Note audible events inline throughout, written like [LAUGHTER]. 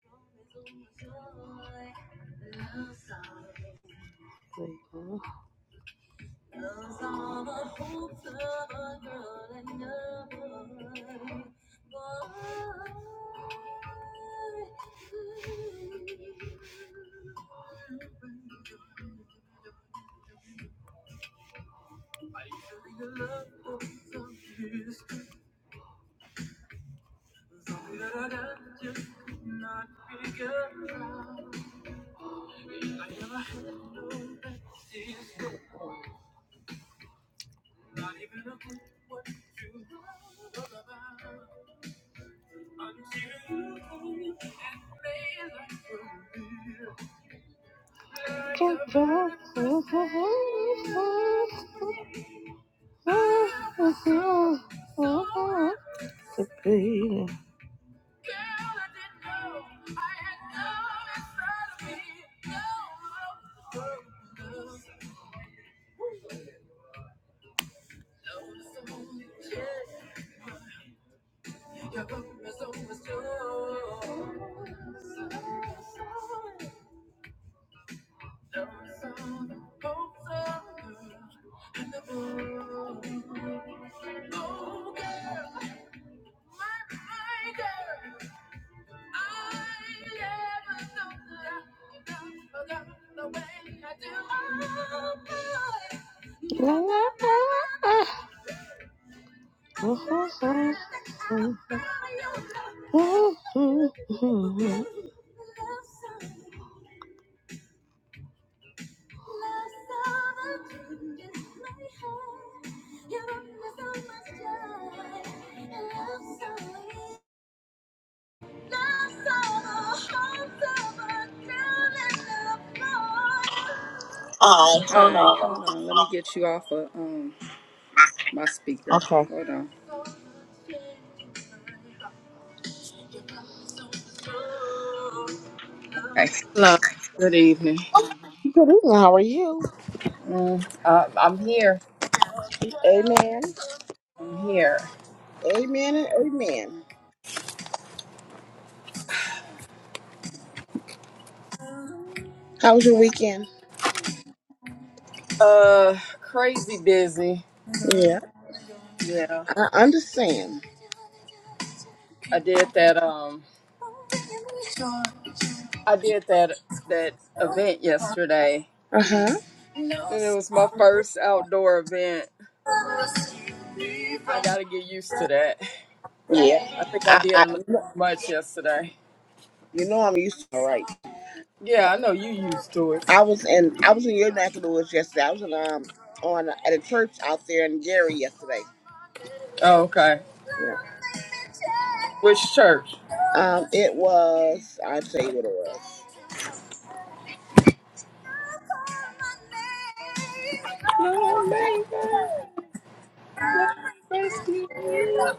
There you go. [LAUGHS] The baby. La, la, la, la. Oh, Hi, hold on. Let me get you off of um my speaker. okay. Hold on. Okay. Hello. Good evening. Good evening. How are you? Mm, uh, I'm here. Amen. I'm here. Amen and amen. How was your weekend? Uh, crazy busy. Yeah, Yeah, I understand. I did that. Um, I did that that event yesterday, Uh huh. and it was my first outdoor event. I got to get used to that. Yeah, I think I I, did a I, little too you know much yesterday. I'm used to it, right? Yeah, I know you used to it. I was in, I was in your neck of the woods yesterday. I was in, um, on uh, at a church out there in Gary yesterday. Oh, okay. Yeah. Which church? Um, it was. I'll tell you what it was. Oh man. Rescue me.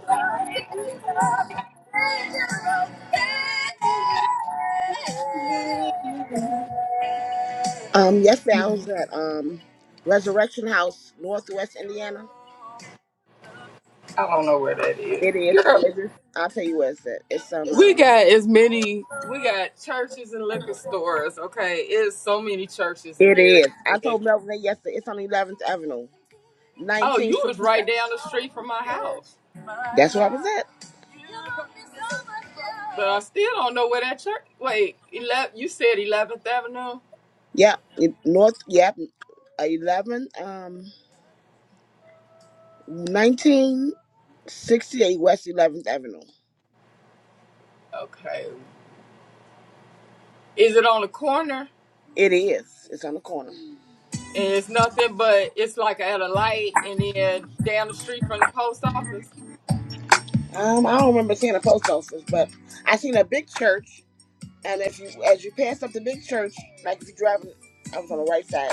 Um, yesterday I was at um Resurrection House, Northwest Indiana. I don't know where that is. It is. Girl, It is. I'll tell you where it's at. It's on. we Um, got as many, we got churches and liquor stores, okay? It's so many churches in it Gary. is. I told Ridiculous. Melvin that yesterday. It's on 11th Avenue, Oh, you 1967. was right down the street from my house. That's where I was at. But I still don't know where that church, wait, 11, you said 11th Avenue? Yep. it- North. Yep. 11, um, 1968 West 11th Avenue. Okay. Is it on the corner? It is. It's on the corner. And it's nothing but, it's like at a light and then down the street from the post office? Um, I don't remember seeing a post office, but I seen a big church. And if you, as you pass up the big church, like if you're driving, I was on the right side,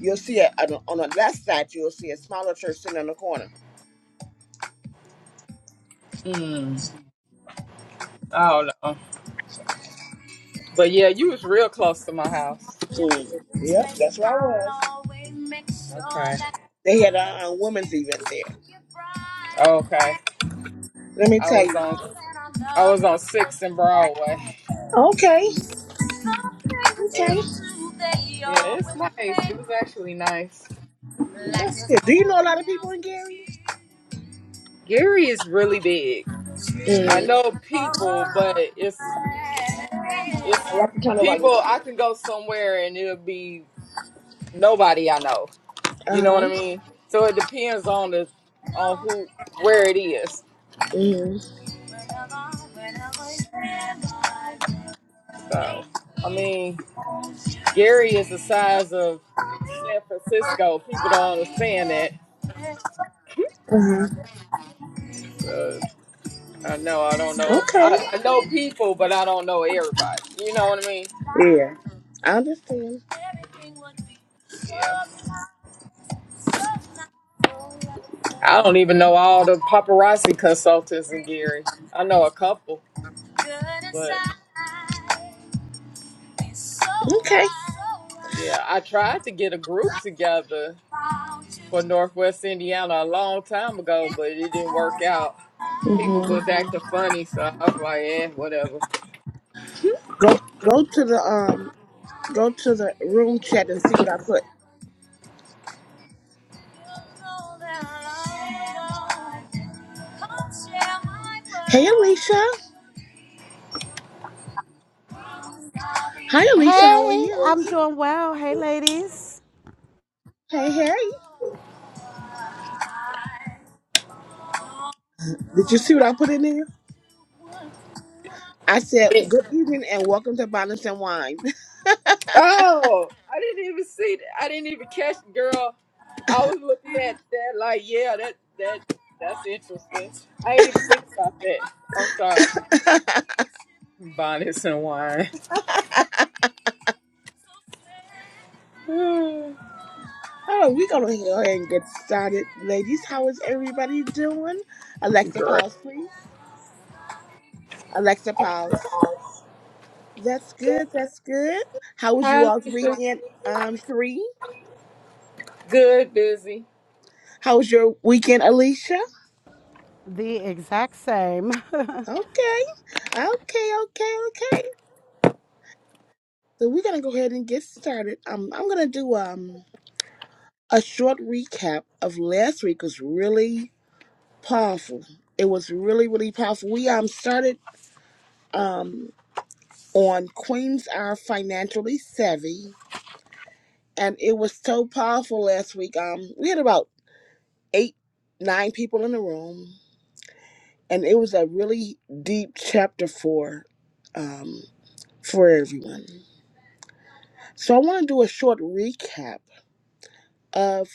you'll see it on the, on the left side. You'll see a smaller church sitting on the corner. Mm, I don't know. But yeah, you was real close to my house. Mm. Yep, that's where I was. Okay. They had a, a women's event there. Okay. Let me I tell was you. on I was on Sixth and Broadway. Okay. So Okay. yeah, it's nice. It was actually nice. That's good. Do you know a lot of people in Gary? Gary is really big. I Mm. know people, but it's I it's have to turn the volume people down. I can go somewhere and it'll be nobody I know. You Uh know what huh. I mean? So it depends on the on who where it is. Mm. So I mean Gary is the size of San Francisco. People don't understand that. Uh huh. So I know I don't know. Okay. I, I know people, but I don't know everybody. You know what I mean? Yeah. I understand. Yeah. I don't even know all the paparazzi consultants in Gary. I know a couple, but Okay. yeah, I tried to get a group together for Northwest Indiana a long time ago, but it didn't work out. People hmm was acting funny, so I was like, eh, whatever. Go go to the um go to the room chat and see what I put. Hey Alicia. Hi Alicia, how are Hey, you? I'm doing well. Hey, ladies. Hey, hey. Did you see what I put in there? I said, good evening and welcome to Balance and Wine. [LAUGHS] Oh, I didn't even see that. I didn't even catch girl. I was looking at that like, yeah, that that that's interesting. I didn't even think about that. I'm sorry. Bonnets and wine. Oh, we're going to go ahead and get started. Ladies, how is everybody doing? [SIGHS] Alexa, Great. pause, please. Alexa, pause. That's good. That's good. How was you Hi all's Lisa. weekend, um, three? Good, busy. How was your weekend, Alicia? The exact same. [LAUGHS] Okay. Okay, okay, okay. So we're gonna go ahead and get started. Um, I'm gonna do um a short recap of last week. It was really powerful. It was really really powerful. We um started um on Queens Are Financially Savvy, and it was so powerful last week. Um, we had about eight nine people in the room, and it was a really deep chapter for um for everyone. So I want to do a short recap of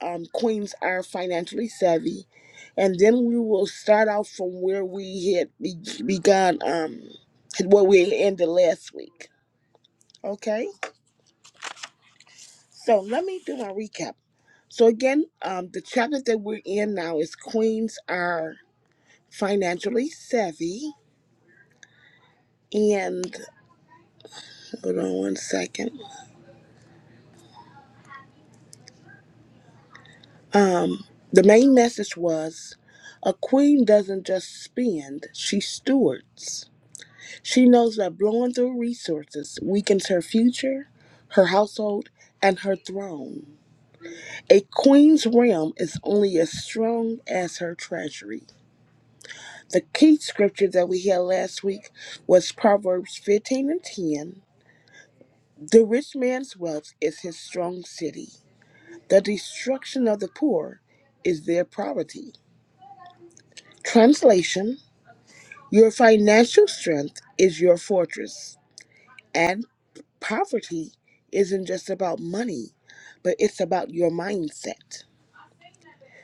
um, Queens Are Financially Savvy. And then we will start out from where we had be- begun, um, where we ended last week. Okay? So let me do my recap. So, again, um, the chapter that we're in now is Queens Are Financially Savvy. And hold on one second. Um, the main message was a queen doesn't just spend, she stewards. She knows that blowing through resources weakens her future, her household, and her throne. A queen's realm is only as strong as her treasury. The key scripture that we had last week was Proverbs 15 and 10. The rich man's wealth is his strong city. The destruction of the poor is their poverty. Translation Your financial strength is your fortress. And poverty isn't just about money, but it's about your mindset.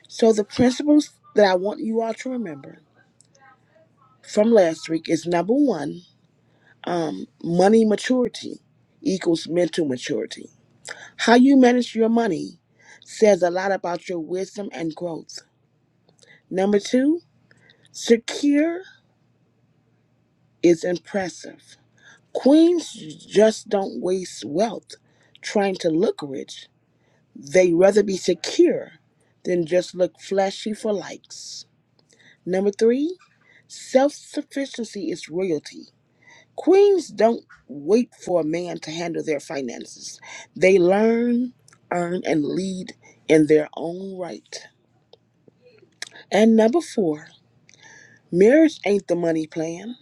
So, the principles that I want you all to remember from last week is number one, money maturity equals mental maturity. How you manage your money says a lot about your wisdom and growth. Number two, secure is impressive. Queens just don't waste wealth trying to look rich They rather be secure than just look flashy for likes. Number three, self sufficiency is royalty. Queens don't wait for a man to handle their finances, they learn, earn, and lead in their own right. And number four, marriage ain't the money plan.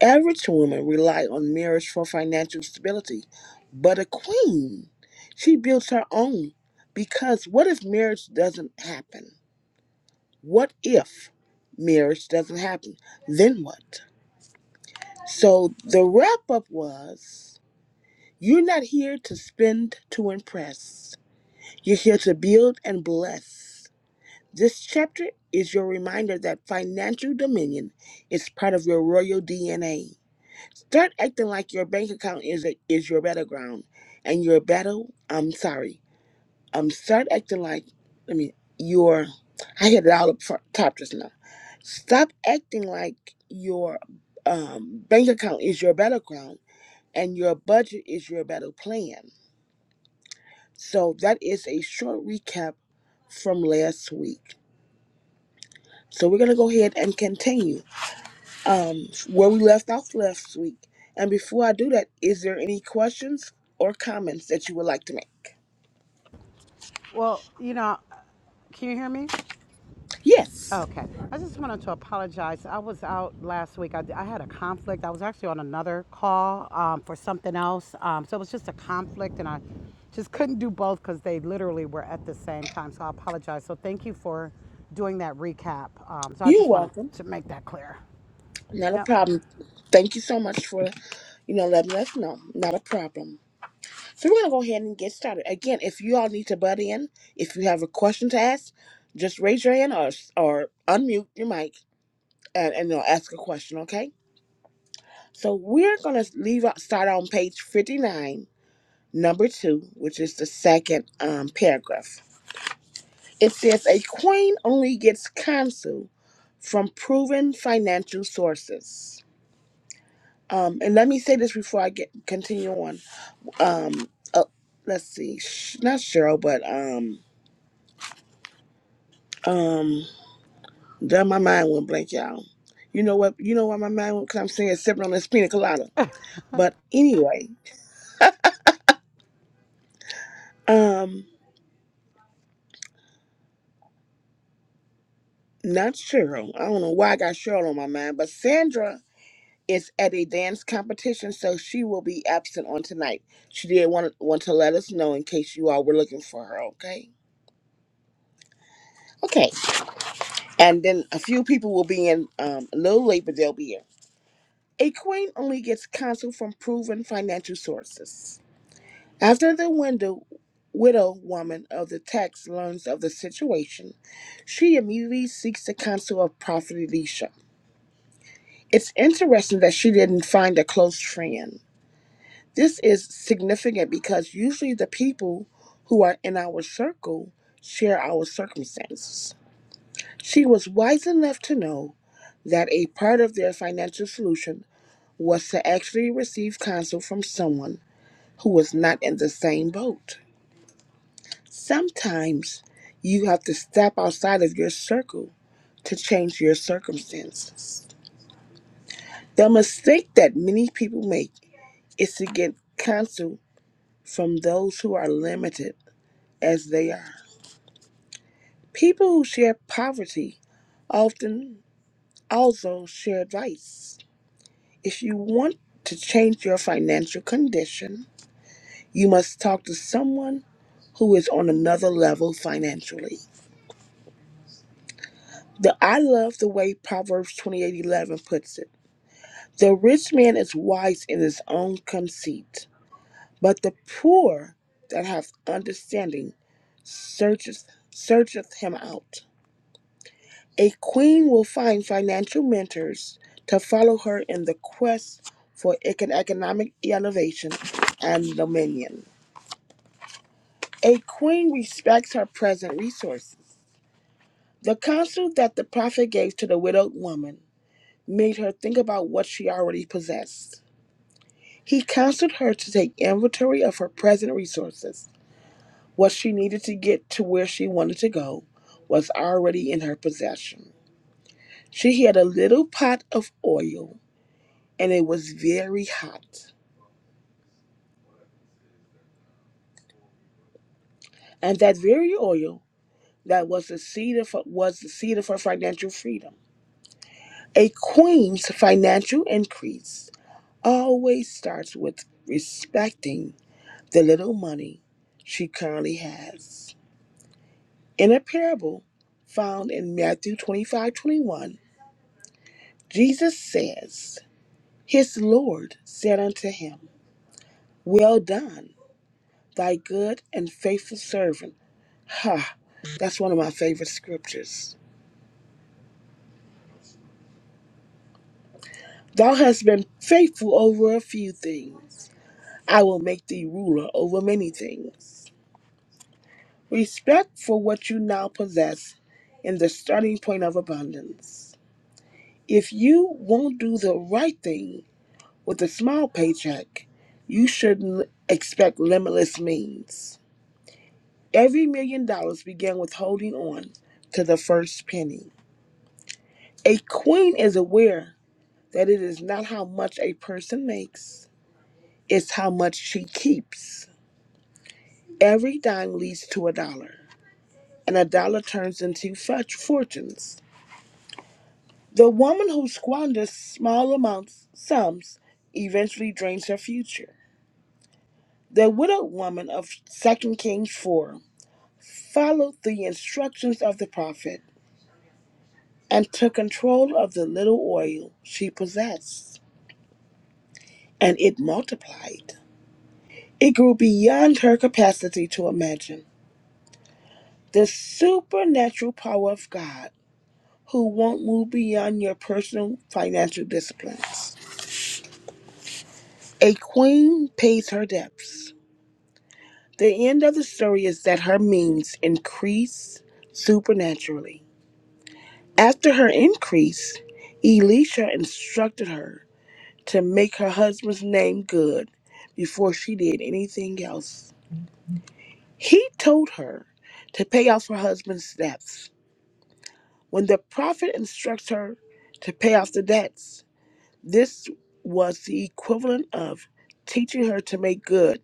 Average women rely on marriage for financial stability, but a queen, she builds her own. Because what if marriage doesn't happen? What if marriage doesn't happen? Then what? So the wrap up was you're not here to spend to impress, you're here to build and bless. This chapter is your reminder that financial dominion is part of your royal DNA. Start acting like your bank account is, is your battleground and your battle, I'm sorry um, start acting like, I mean, you're, I hit it all up front, top just now. Stop acting like your um, bank account is your battleground and your budget is your battle plan. So that is a short recap from last week. So we're gonna go ahead and continue um, where we left off last week. And before I do that, is there any questions or comments that you would like to make? well, you know, can you hear me? Yes, Okay. I just wanted to apologize. I was out last week. I, I had a conflict. I was actually on another call um, for something else. Um, so it was just a conflict, and I just couldn't do both because they literally were at the same time. So I apologize. So thank you for doing that recap. Um, so I you're just wanted welcome. to make that clear. Not a Yep. problem. Thank you so much for, you know, letting us know. Not a problem. So we're gonna go ahead and get started. Again, if you all need to butt in, if you have a question to ask, just raise your hand or or unmute your mic and, and they'll ask a question. Okay. So we're gonna leave out, start on page fifty nine, number two, which is the second um, paragraph. It says a queen only gets counsel from proven financial sources. Um, and let me say this before I get continue on. Um, uh, let's see, Sh- not Cheryl, but um, um, then my mind went blank, y'all. You know what? You know why my mind went? Cause I'm saying sipping on this pina colada. But anyway, um, not Cheryl. I don't know why I got Cheryl on my mind, but Sandra is at a dance competition, so she will be absent on tonight. She did want want to let us know in case you all were looking for her. Okay. Okay. and then a few people will be in um, a little late, but they'll be in. A coin only gets counsel from proven financial sources. After the window, widow woman of the text learns of the situation, she immediately seeks the counsel of Prophet Elisha. It's interesting that she didn't find a close friend. This is significant because usually the people who are in our circle share our circumstances. She was wise enough to know that a part of their financial solution was to actually receive counsel from someone who was not in the same boat. Sometimes you have to step outside of your circle to change your circumstances. The mistake that many people make is to get counsel from those who are limited as they are. People who share poverty often also share advice. If you want to change your financial condition, you must talk to someone who is on another level financially. The I love the way Proverbs 28:11 puts it. The rich man is wise in his own conceit, but the poor that have understanding searcheth searcheth him out. A queen will find financial mentors to follow her in the quest for econ- economic innovation and dominion. A queen respects her present resources. The counsel that the prophet gave to the widowed woman made her think about what she already possessed. He counseled her to take inventory of her present resources. What she needed to get to where she wanted to go was already in her possession. She had a little pot of oil, and it was very hot. And that very oil that was the seed of was the seed of her financial freedom. A queen's financial increase always starts with respecting the little money she currently has. In a parable found in Matthew 25 21, Jesus says, His Lord said unto him, Well done, thy good and faithful servant. Ha, that's one of my favorite scriptures. Thou hast been faithful over a few things. I will make thee ruler over many things. Respect for what you now possess in the starting point of abundance. If you won't do the right thing with a small paycheck, you shouldn't expect limitless means. Every million dollars began with holding on to the first penny. A queen is aware that it is not how much a person makes, it's how much she keeps. Every dime leads to a dollar, and a dollar turns into fudge fortunes. The woman who squanders small amounts, sums, eventually drains her future. The widowed woman of Second Kings 4 followed the instructions of the prophet and took control of the little oil she possessed, and it multiplied. It grew beyond her capacity to imagine. The supernatural power of God, who won't move beyond your personal financial disciplines. A queen pays her debts. The end of the story is that her means increase supernaturally. After her increase, Elisha instructed her to make her husband's name good before she did anything else. He told her to pay off her husband's debts. When the prophet instructs her to pay off the debts, this was the equivalent of teaching her to make good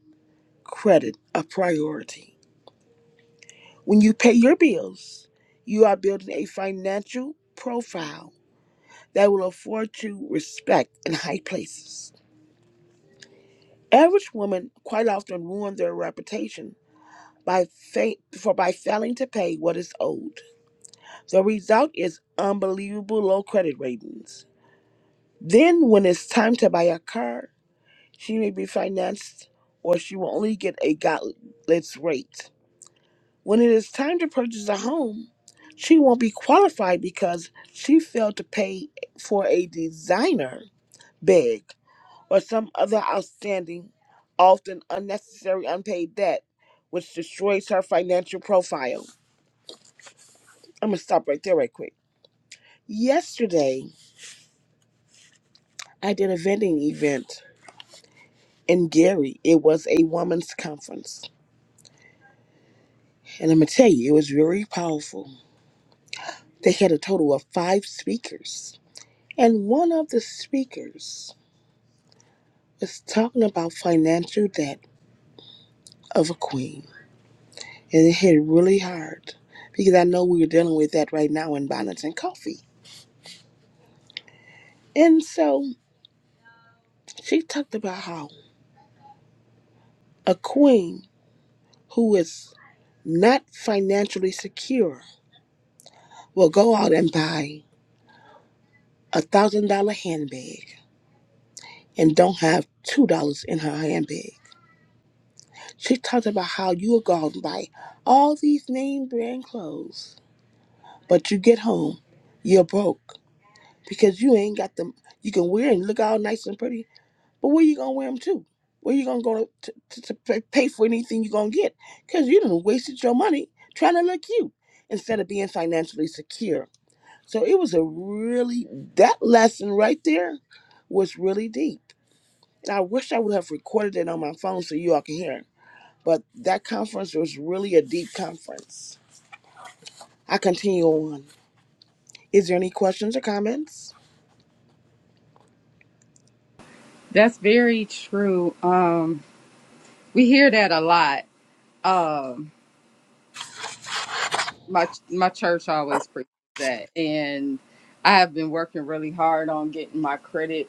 credit a priority. When you pay your bills, you are building a financial profile that will afford you respect in high places. Average women quite often ruin their reputation by fa- for by failing to pay what is owed. The result is unbelievable low credit ratings. Then, when it's time to buy a car, she may be financed, or she will only get a godless rate. When it is time to purchase a home, she won't be qualified because she failed to pay for a designer bag or some other outstanding, often unnecessary unpaid debt, which destroys her financial profile. I'm going to stop right there, right quick. Yesterday, I did a vending event in Gary. It was a women's conference. And I'm going to tell you, it was very powerful. They had a total of five speakers. And one of the speakers It's talking about financial debt of a queen. And it hit really hard because I know we were dealing with that right now in Bonnets and Coffee. And so she talked about how a queen who is not financially secure will go out and buy a thousand dollar handbag and don't have two dollars in her handbag. She talked about how you will go out and buy all these name brand clothes, but you get home, you're broke because you ain't got them. You can wear and look all nice and pretty, but where you gonna wear them to? Where you gonna go to, to, to pay pay for anything you gonna get? Because you done wasted your money trying to look cute instead of being financially secure. So it was a really that lesson right there was really deep, and I wish I would have recorded it on my phone so you all can hear it. But that conference was really a deep conference. I continue on. Is there any questions or comments? That's very true. Um, we hear that a lot. Um, my my church always preaches that, and I have been working really hard on getting my credit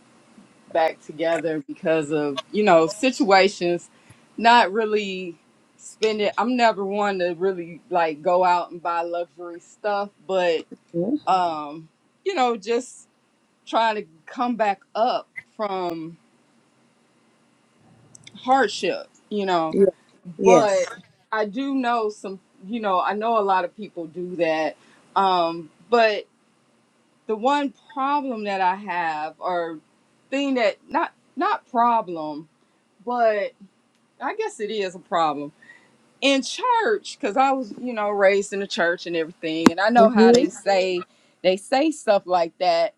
back together because of you know situations not really spending i'm never one to really like go out and buy luxury stuff but Mhm. um you know just trying to come back up from hardship you know Yeah. but Yes. i do know some you know i know a lot of people do that um but the one problem that i have or thing that not not problem I guess it is a problem in church because I was, you know, raised in the church and everything, and I know how Mm-hmm. they say they say stuff like that,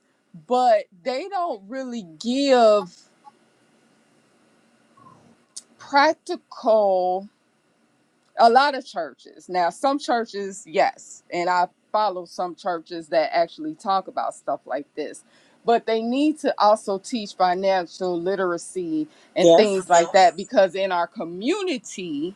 but they don't really give practical. A lot of churches now, some churches, yes, and I follow some churches that actually talk about stuff like this, but they need to also teach financial literacy and things Yes. like that because in our community.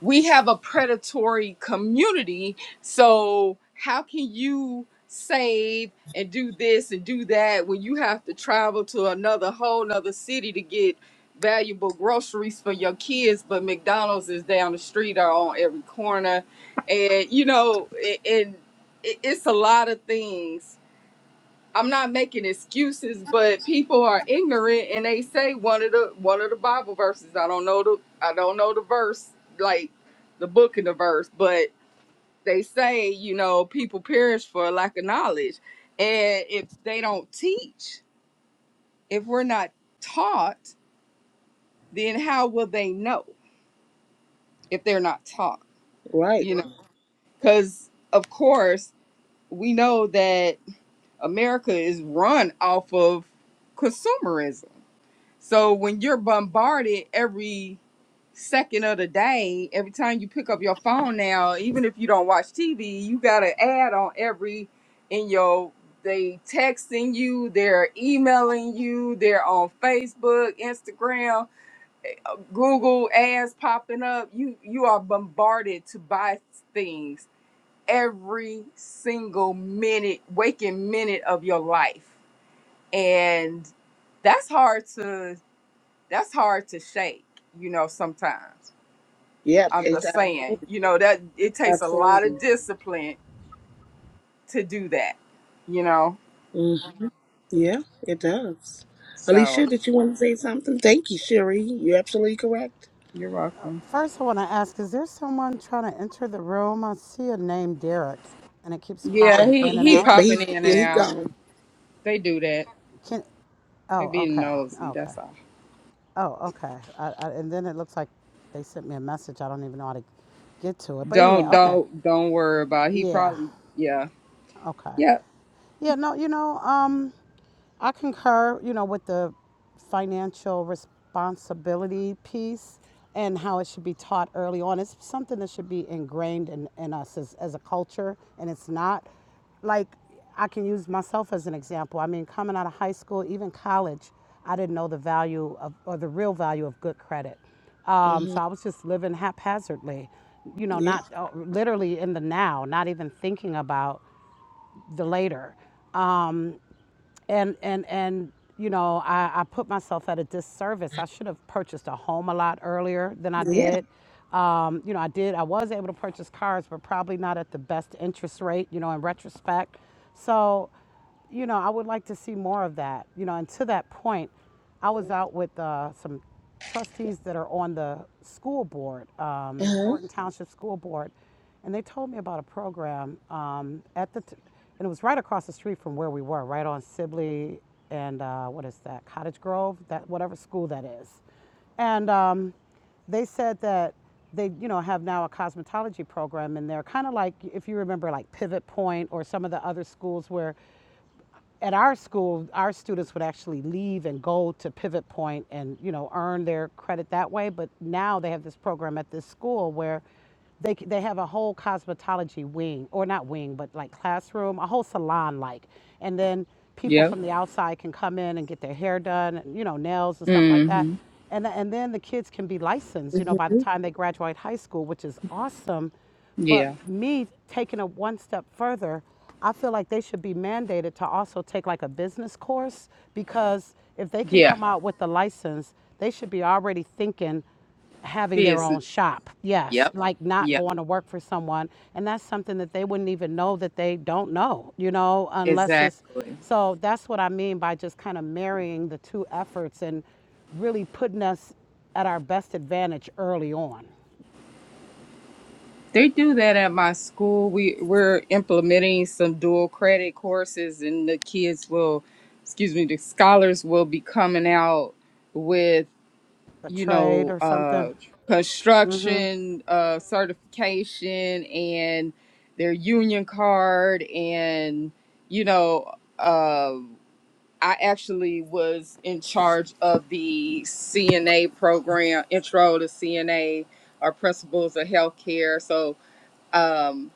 we have a predatory community. So how can you save and do this and do that when you have to travel to another whole nother city to get valuable groceries for your kids, but McDonald's is down the street or on every corner. And you know, a- and it- it's a lot of things I'm not making excuses, but people are ignorant and they say one of the one of the Bible verses. I don't know the I don't know the verse like the book and the verse, but they say you know people perish for lack of knowledge, and if they don't teach, if we're not taught, then how will they know if they're not taught? Right. You know, because of course we know that America is run off of consumerism So when you're bombarded every second of the day, every time you pick up your phone now, even if you don't watch TV, you got an ad on every in your they texting you, they're emailing you, they're on Facebook, Instagram, Google ads popping up. You you are bombarded to buy things every single minute, waking minute of your life. And that's hard to that's hard to shake, you know, sometimes. Yep. I'm Yeah. It's just absolutely. saying, you know, that it takes a lot of Absolutely. discipline to do that, you know. Mm, yeah, it does. So Alicia, did you want to say something? Thank you, Sherry. You're absolutely correct. you're welcome. First, I want to ask Is there someone trying to enter the room? I see a name, Derek, and it keeps Yeah, popping he in and he Yeah, out. but he's popping in yeah, and he out. gone. They do that. Can They Oh, be okay. nosy, Okay. that's all. Oh, okay. I, I, and then it looks like they sent me a message. I don't even know how to get to it. But anyway, Don't okay. don't don't worry about it. he Yeah. probably yeah. Okay. Yep. Yeah, no, you know, um, I concur, you know, with the financial responsibility piece and how it should be taught early on. It's something that should be ingrained in, in us as, as a culture, and it's not. Like, I can use myself as an example. I mean, coming out of high school, even college, I didn't know the value of, or the real value of good credit. Um, hmm so I was just living haphazardly, you know, Yeah. not uh, literally in the now, not even thinking about the later. Um, and and and you know, I, I put myself at a disservice. I should have purchased a home a lot earlier than I Yeah. did. Um, you know, I did. I was able to purchase cars, but probably not at the best interest rate. You know, in retrospect, so you know, I would like to see more of that. You know, and to that point. I was out with uh, some trustees that are on the school board, um, Uh-huh. Thornton Township School Board, and they told me about a program um, at the, t- and it was right across the street from where we were, right on Sibley and uh, what is that, Cottage Grove, that whatever school that is, and um, they said that they you know have now a cosmetology program and they're kind of like if you remember like pivot point or some of the other schools where at our school, our students would actually leave and go to Pivot Point and you know earn their credit that way. But now they have this program at this school where they they have a whole cosmetology wing, or not wing, but like classroom, a whole salon like, and then people Yep. from the outside can come in and get their hair done, and, you know, nails and stuff like that. Mm-hmm. And, and then the kids can be licensed, you know, hmm by the time they graduate high school, which is awesome but Yeah. me taking it one step further, I feel like they should be mandated to also take like a business course because if they can Yeah. come out with the license, they should be already thinking having their Business. own shop. Yes, Yep. like not Yep. going to work for someone. And that's something that they wouldn't even know that they don't know, you know, unless it's. Exactly. So that's what I mean by just kind of marrying the two efforts and really putting us at our best advantage early on. They do that at my school. We we're implementing some dual credit courses, and the kids will, excuse me, the scholars will be coming out with A you trade know or uh, something. construction uh, certification and their union card, and you know uh, I actually was in charge of the CNA program, intro to CNA, our principles of healthcare, so um,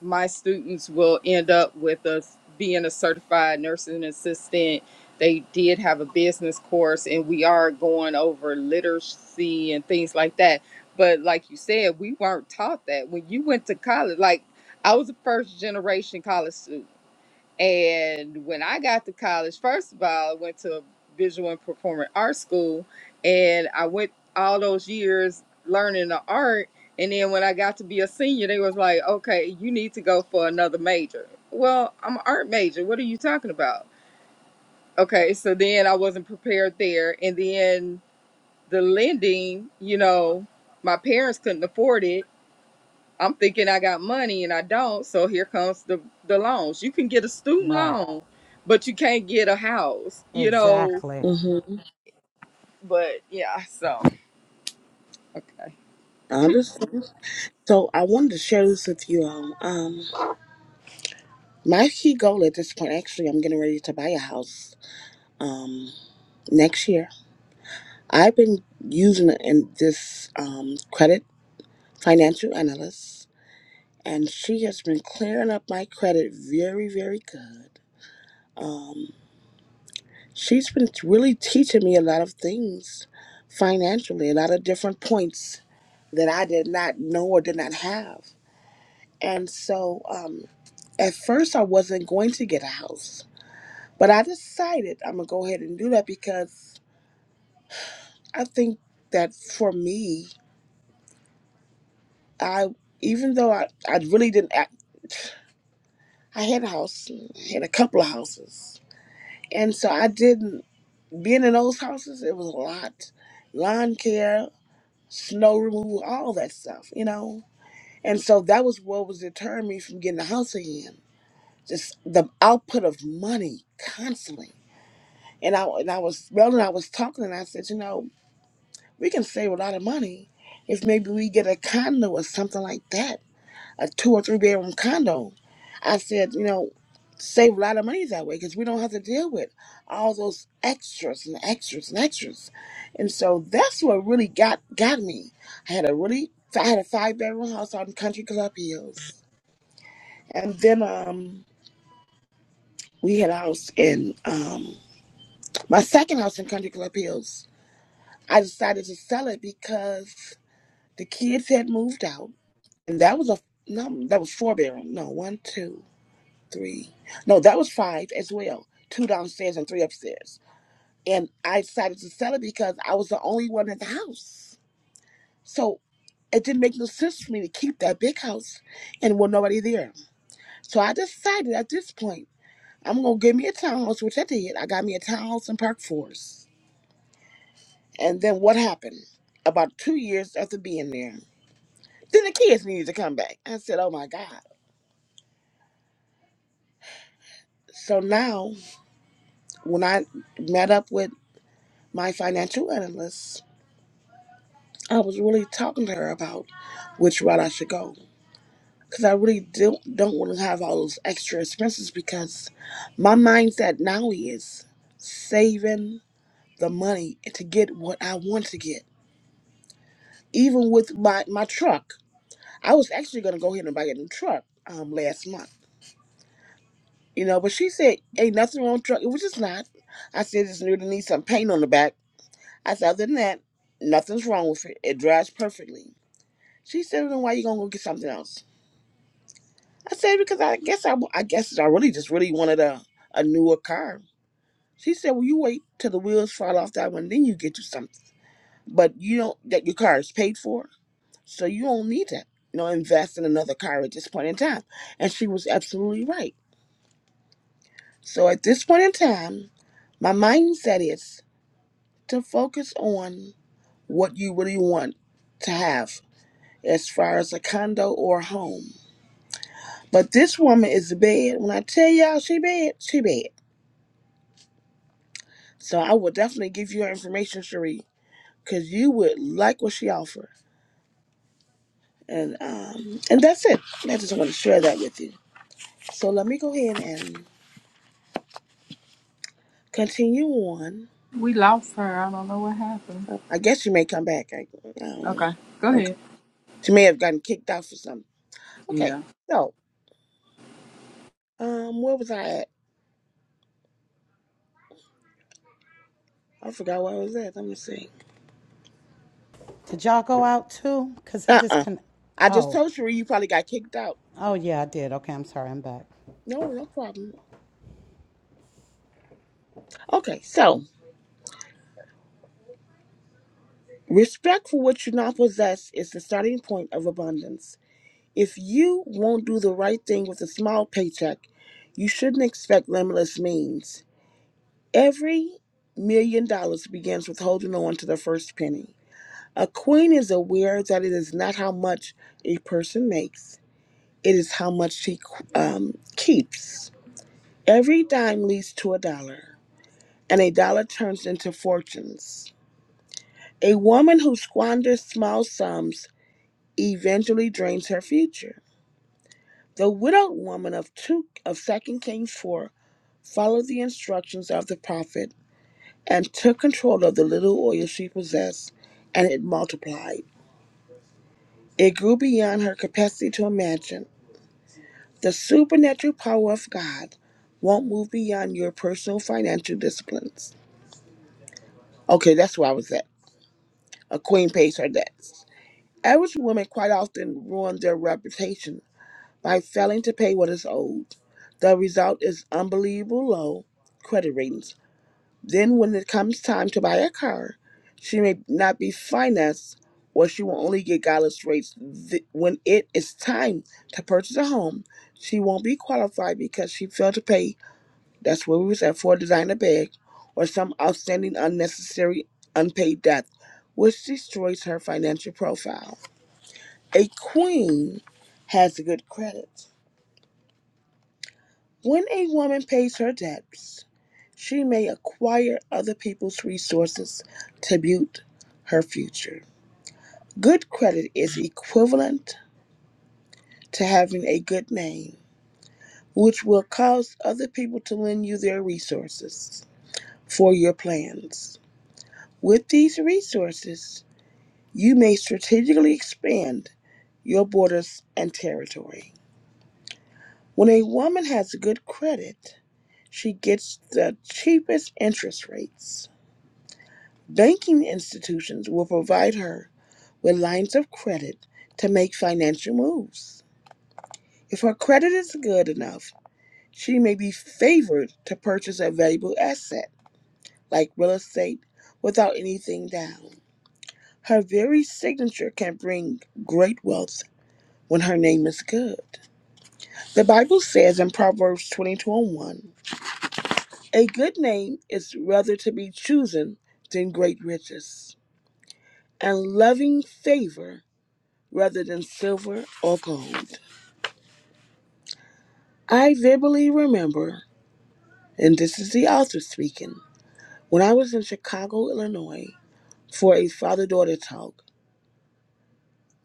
my students will end up with us being a certified nursing assistant. They did have a business course, and we are going over literacy and things like that. But like you said, we weren't taught that when you went to college. Like I was a first generation college student. And when I got to college, first of all, I went to a visual and performing arts school, and I went all those years learning the art. And then when I got to be a senior, they was like, "Okay, you need to go for another major." Well, I'm an art major. What are you talking about? Okay, so then I wasn't prepared there, and then the lending, you know, my parents couldn't afford it, I'm thinking I got money and I don't, so here comes the the loans. You can get a student Right. loan, but you can't get a house, you know. Exactly. hmm But yeah, so okay. I understand. So I wanted to share this with you all. Um, my key goal at this point, actually, I'm getting ready to buy a house. Um, next year. I've been using in this um credit financial analyst and she has been clearing up my credit very, very good. Um, she's been really teaching me a lot of things financially, a lot of different points that I did not know or did not have. And so um, at first, I wasn't going to get a house, but I decided I'm going to go ahead and do that because I think that for me, I even though I, I really didn't act, I had a house, I had a couple of houses. And so I didn't Being in those houses, it was a lot. Lawn care, snow removal, all that stuff, you know? And so that was what was deterring me from getting a house again. Just the output of money constantly. And I and I was well and I was talking and I said, you know, we can save a lot of money if maybe we get a condo or something like that a two or three bedroom condo. I said, you know, save a lot of money that way because we don't have to deal with all those extras and extras and extras. And so that's what really got got me. I had a really I had a five bedroom house out in Country Club Hills, and then um we had a house in um my second house in Country Club Hills. I decided to sell it because the kids had moved out, and that was a no, that was four bedroom. No, one, two. three. No, that was five as well. Two downstairs and three upstairs. And I decided to sell it because I was the only one in the house. So it didn't make no sense for me to keep that big house and with nobody there. So I decided at this point, I'm gonna give me a townhouse, which I did. I got me a townhouse in Park Forest. And then what happened? About two years after being there, then the kids needed to come back. I said, Oh my God. So now when I met up with my financial analyst, I was really talking to her about which route I should go. Because I really don't, don't want to have all those extra expenses because my mindset now is saving the money to get what I want to get. Even with my, my truck, I was actually going to go ahead and buy a new truck um, last month. You know, but she said, ain't nothing wrong with truck, which is not. I said, it's new to need some paint on the back. I said, other than that, nothing's wrong with it. It drives perfectly. She said, then why you going to go get something else? I said, because I guess I I guess I really just really wanted a, a newer car. She said, well, you wait till the wheels fall off that one, then you get you something. But you don't that your car is paid for, so you don't need to, you know, invest in another car at this point in time. And she was absolutely right. So at this point in time, my mindset is to focus on what you really want to have as far as a condo or a home. But this woman is bad. When I tell y'all she bad, she bad. So I will definitely give you her information, Cherie, because you would like what she offers. And um, and that's it. I just want to share that with you. So let me go ahead and continue on. We lost her. I don't know what happened. Uh, I guess she may come back. I, I don't know. Okay, go Okay. ahead. She may have gotten kicked out for something. Okay. Yeah. So um, where was I at? I forgot where I was at. Let me see. Did y'all go out too? Cause it Uh uh discon. I just Oh. told Cherie you probably got kicked out. Oh yeah, I did. Okay, I'm sorry. I'm back. No, no problem. Okay. So respect for what you not possess is the starting point of abundance. If you won't do the right thing with a small paycheck, you shouldn't expect limitless means. Every million dollars begins with holding on to the first penny. A queen is aware that it is not how much a person makes, it is how much she um, keeps. Every dime leads to a dollar, and a dollar turns into fortunes. A woman who squanders small sums eventually drains her future. The widowed woman of two of Second Kings four followed the instructions of the prophet and took control of the little oil she possessed, and it multiplied. It grew beyond her capacity to imagine. The supernatural power of God won't move beyond your personal financial disciplines. Okay, that's where I was at. A queen pays her debts. Average women quite often ruin their reputation by failing to pay what is owed. The result is unbelievable low credit ratings Then, when it comes time to buy a car, she may not be financed or she will only get godless rates. Th- When it is time to purchase a home, she won't be qualified because she failed to pay. That's where we was at for a designer bag or some outstanding, unnecessary, unpaid debt, which destroys her financial profile. A queen has good credit. When a woman pays her debts, she may acquire other people's resources to build her future. Good credit is equivalent to having a good name, which will cause other people to lend you their resources for your plans. With these resources, you may strategically expand your borders and territory. When a woman has good credit, she gets the cheapest interest rates Banking institutions will provide her with lines of credit to make financial moves. If her credit is good enough, she may be favored to purchase a valuable asset like real estate without anything down. Her very signature can bring great wealth when her name is good. The Bible says in Proverbs 22 and 1 A good name is rather to be chosen than great riches, and loving favor rather than silver or gold. I vividly remember, and this is the author speaking, when I was in Chicago, Illinois, for a father daughter talk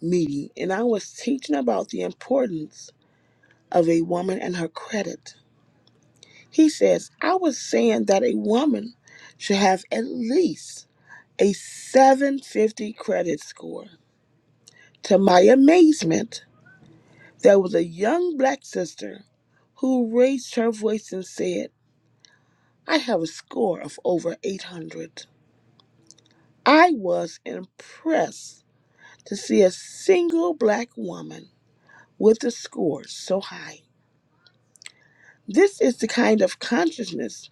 meeting, and I was teaching about the importance of a woman and her credit. He says, I was saying that a woman should have at least a 750 credit score. To my amazement, there was a young black sister who raised her voice and said, I have a score of over 800. I was impressed to see a single black woman with a score so high. This is the kind of consciousness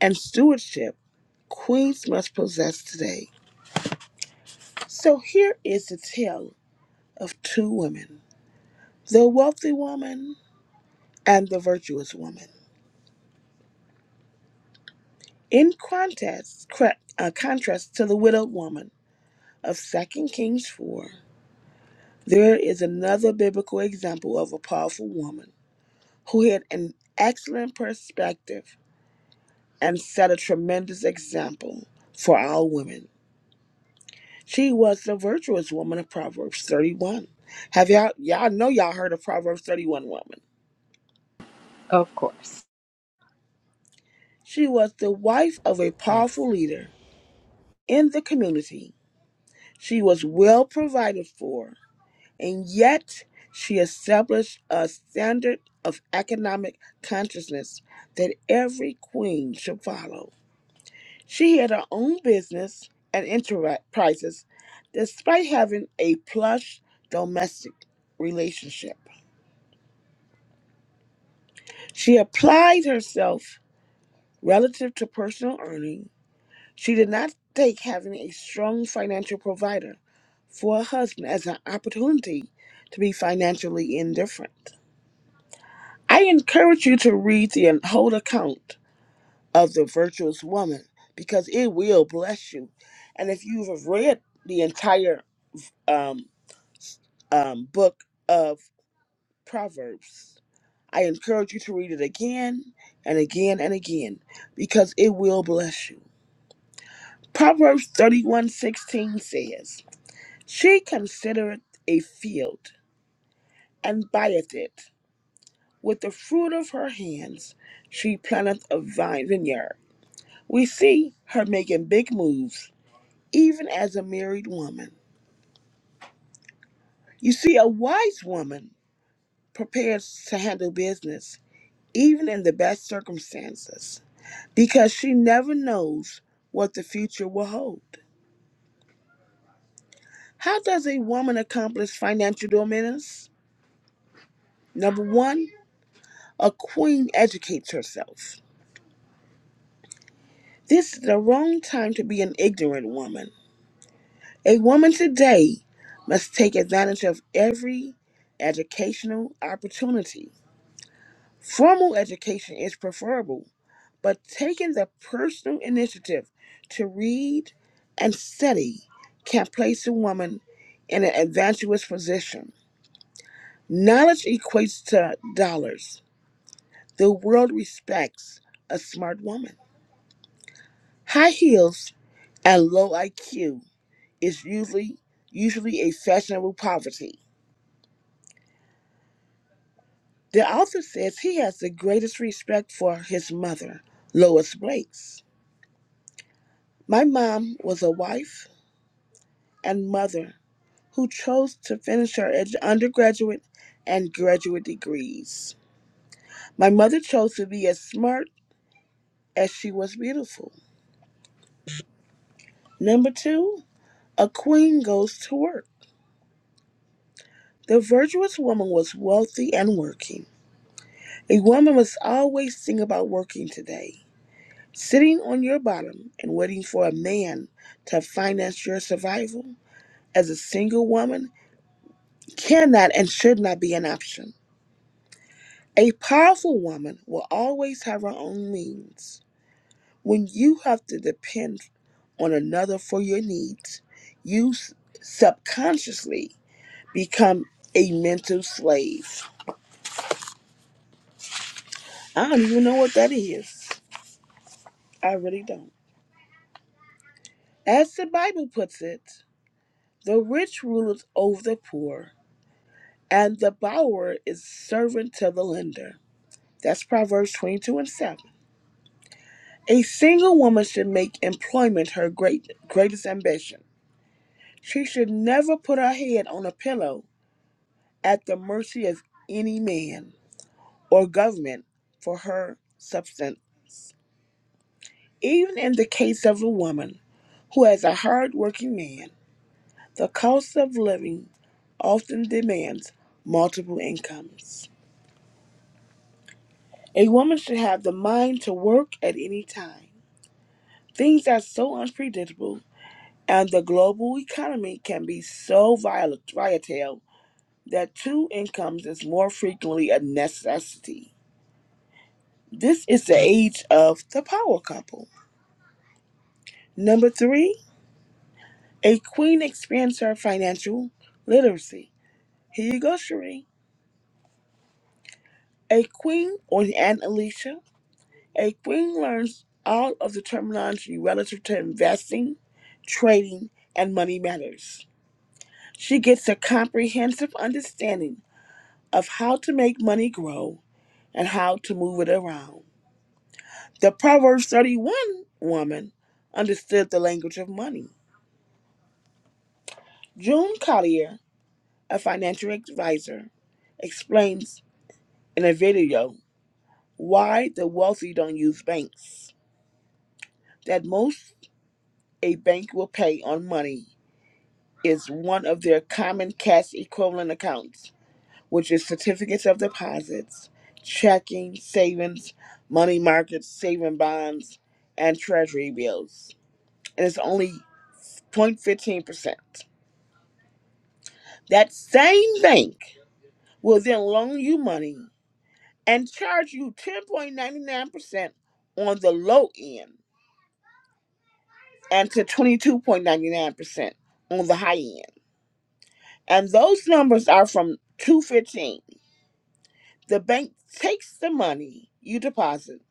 and stewardship queens must possess today. So here is the tale of two women the wealthy woman and the virtuous woman. In contrast, cra- uh, contrast to the widowed woman of 2 Kings 4, There is another biblical example of a powerful woman who had an excellent perspective and set a tremendous example for all women. She was the virtuous woman of Proverbs 31. Have y'all, y'all know y'all heard of Proverbs 31 woman? Of course. She was the wife of a Yes. powerful leader in the community. She was well provided for and yet she established a standard of economic consciousness that every queen should follow. She had her own business and enterprises despite having a plush domestic relationship. She applied herself relative to personal earning. She did not take having a strong financial provider for a husband as an opportunity to be financially indifferent. I encourage you to read the whole account of the virtuous woman because it will bless you. And if you have read the entire um, um, book of Proverbs, I encourage you to read it again and again and again because it will bless you. Proverbs thirty-one sixteen says, She considereth a field and buyeth it. With the fruit of her hands she planteth a vine vineyard We see her making big moves, even as a married woman. You see, a wise woman prepares to handle business, even in the best circumstances, because she never knows what the future will hold. How does a woman accomplish financial dominance? Number one, a queen educates herself. This is the wrong time to be an ignorant woman. A woman today must take advantage of every educational opportunity Formal education is preferable, but taking the personal initiative to read and study can place a woman in an advantageous position. Knowledge equates to dollars. The world respects a smart woman. High heels and low IQ is usually usually a fashionable poverty. The author says he has the greatest respect for his mother, Lois Blakes. My mom was a wife and mother who chose to finish her edu- undergraduate and graduate degrees. My mother chose to be as smart as she was beautiful. Number two, a queen goes to work. The virtuous woman was wealthy and working. A woman must always think about working today, sitting on your bottom and waiting for a man to finance your survival. As a single woman, cannot and should not be an option. A powerful woman will always have her own means. When you have to depend on another for your needs, you s- subconsciously become a mental slave. I don't even know what that is. I really don't. As the Bible puts it, the rich rules over the poor, and the borrower is servant to the lender. That's Proverbs 22 and 7. A single woman should make employment her great, greatest ambition. She should never put her head on a pillow at the mercy of any man or government for her substance. Even in the case of a woman who has a hard working man, the cost of living often demands multiple incomes. A woman should have the mind to work at any time. Things are so unpredictable, and the global economy can be so volatile that two incomes is more frequently a necessity. This is the age of the power couple. Number three, a queen expands her financial literacy. Here you go, Cherie. A queen or an Aunt Alicia. A queen learns all of the terminology relative to investing, trading, and money matters. She gets a comprehensive understanding of how to make money grow and how to move it around. The Proverbs 31 woman understood the language of money. June Collier a financial advisor, explains in a video why the wealthy don't use banks. That most a bank will pay on money is one of their common cash equivalent accounts, which is certificates of deposits, checking, savings, money markets, saving bonds, and treasury bills. And it's only 0.15%. That same bank will then loan you money and charge you 10.99% on the low end and to 22.99% on the high end. And those numbers are from 215. The bank takes the money you deposit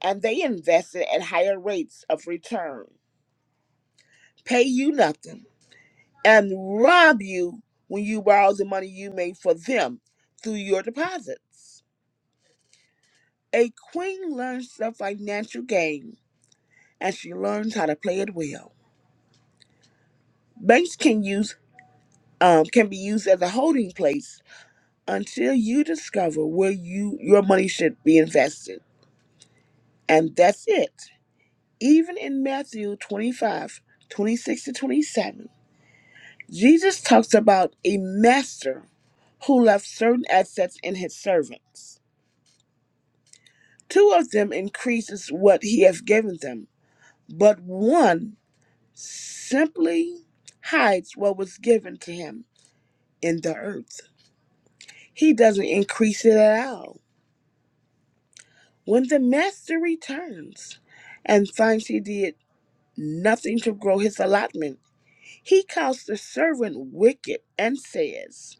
and they invest it at higher rates of return, pay you nothing, and rob you when you borrow the money you made for them through your deposits. A queen learns the financial game and she learns how to play it well. Banks can use um, can be used as a holding place until you discover where you your money should be invested. And that's it. Even in Matthew 25, 26 to 27, Jesus talks about a master who left certain assets in his servants. Two of them increases what he has given them, but one simply hides what was given to him in the earth. He doesn't increase it at all. When the master returns and finds he did nothing to grow his allotment, he calls the servant wicked and says,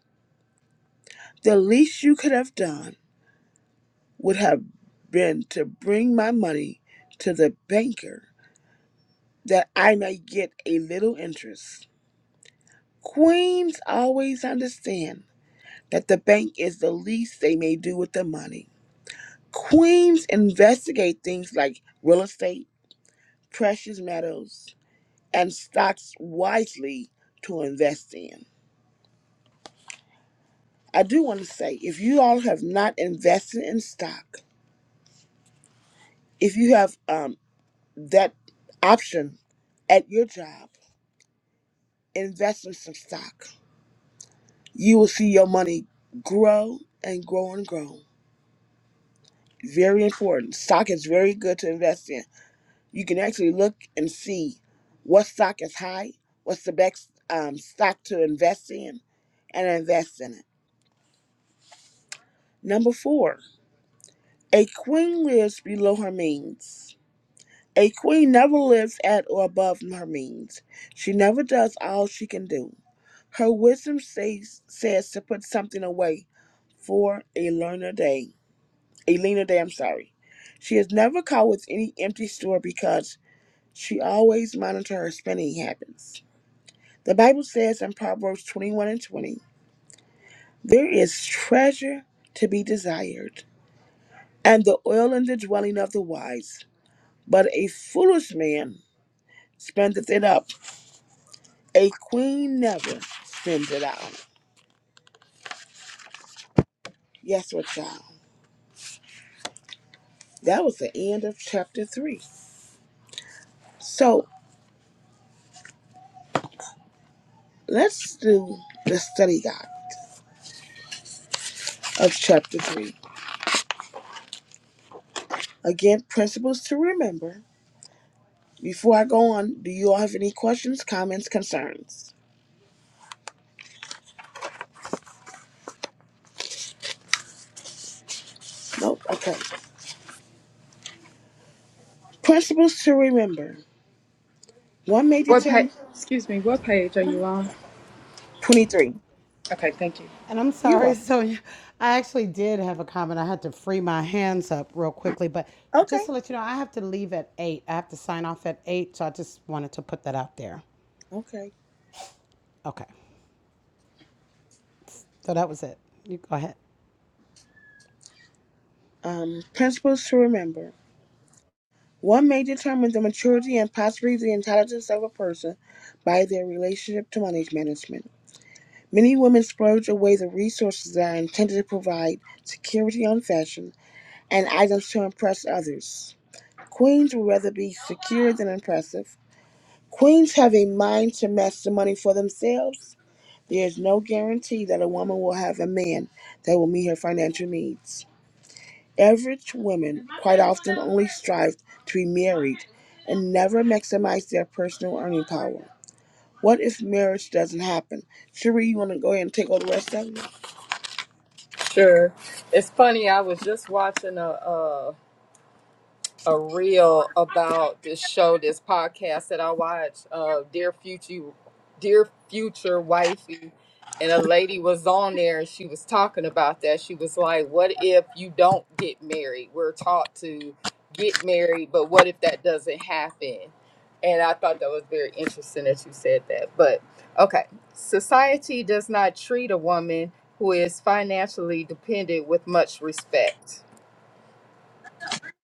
The least you could have done would have been to bring my money to the banker that I may get a little interest. Queens always understand that the bank is the least they may do with the money. Queens investigate things like real estate, precious metals, and stocks wisely to invest in. I do want to say if you all have not invested in stock, if you have um, that option at your job, invest in some stock. You will see your money grow and grow and grow. Very important. Stock is very good to invest in. You can actually look and see what stock is high, what's the best um, stock to invest in, and invest in it. Number four, A queen lives below her means. A queen never lives at or above her means. She never does all she can do. Her wisdom says, says to put something away for a learner day. A leaner day, I'm sorry. She is never caught with any empty store because she always monitors her spending habits. The Bible says in Proverbs 21 and 20, there is treasure to be desired, and the oil in the dwelling of the wise. But a foolish man spendeth it up. A queen never spends it out. Yes, what child? That was the end of chapter three. So let's do the study guide of chapter three. Again, principles to remember. Before I go on, do you all have any questions, comments, concerns? Nope. Okay. Principles to remember. One may What determine. page excuse me, what page are you on? 23. Okay, thank you. And I'm You're sorry. [LAUGHS] welcome. So y- I actually did have a comment. I had to free my hands up real quickly, but Okay. just to let you know, I have to leave at eight. I have to sign off at eight. So I just wanted to put that out there. Okay. Okay. So that was it. You go ahead. Um, principles to remember. One may determine the maturity and possibly the intelligence of a person by their relationship to money management. Many women splurge away the resources that are intended to provide security on fashion and items to impress others. Queens would rather be secure than impressive. Queens have a mind to match the money for themselves. There is no guarantee that a woman will have a man that will meet her financial needs. Average women quite often only strive to be married and never maximize their personal earning power. What if marriage doesn't happen? Sheree? you want to go ahead and take all the rest of it? Sure. It's funny. I was just watching a, a reel about this show, this podcast that I watch, uh, Dear Future, Dear Future Wifey, and a lady was on there and she was talking about that. She was like, "What if you don't get married? We're taught to get married, but what if that doesn't happen?" And I thought that was very interesting that you said that. But okay, society does not treat a woman who is financially dependent with much respect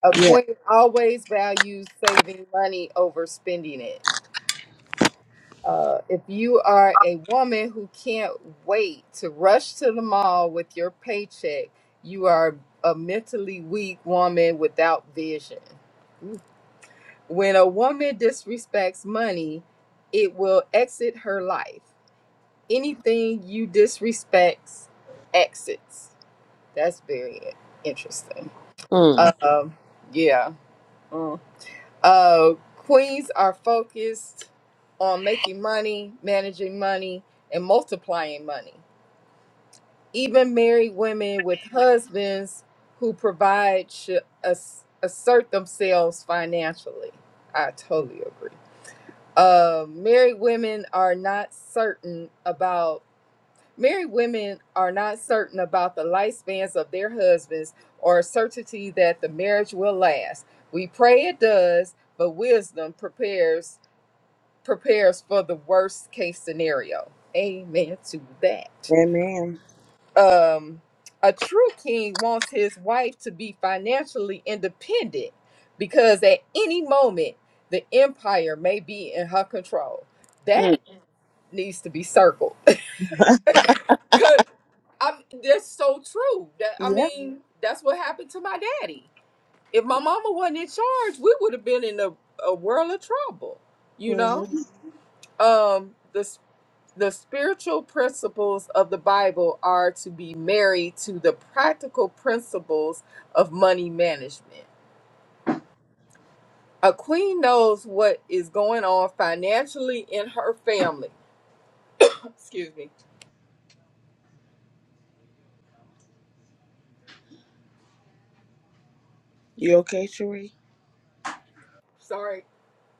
a Yeah. queen always values saving money over spending it. Uh, if you are a woman who can't wait to rush to the mall with your paycheck, you are a mentally weak woman without vision. When a woman disrespects money, it will exit her life. Anything you disrespects exits. That's very interesting. Mm. Um, yeah. Mm. Uh, queens are focused on making money, managing money, and multiplying money. Even married women with husbands who provide should as- assert themselves financially. I totally agree. Uh, married women are not certain about married women are not certain about the lifespans of their husbands or certainty that the marriage will last. We pray it does, but wisdom prepares prepares for the worst case scenario. Amen to that. Amen. Um, a true king wants his wife to be financially independent because at any moment the empire may be in her control. Mm. That needs to be circled. [LAUGHS] Cause I'm that's so true. That I Yeah. mean, that's what happened to my daddy. If my mama wasn't in charge, we would have been in a, a world of trouble, you hmm know? um the The spiritual principles of the Bible are to be married to the practical principles of money management. A queen knows what is going on financially in her family. Excuse me. You okay, Sheree? Sorry.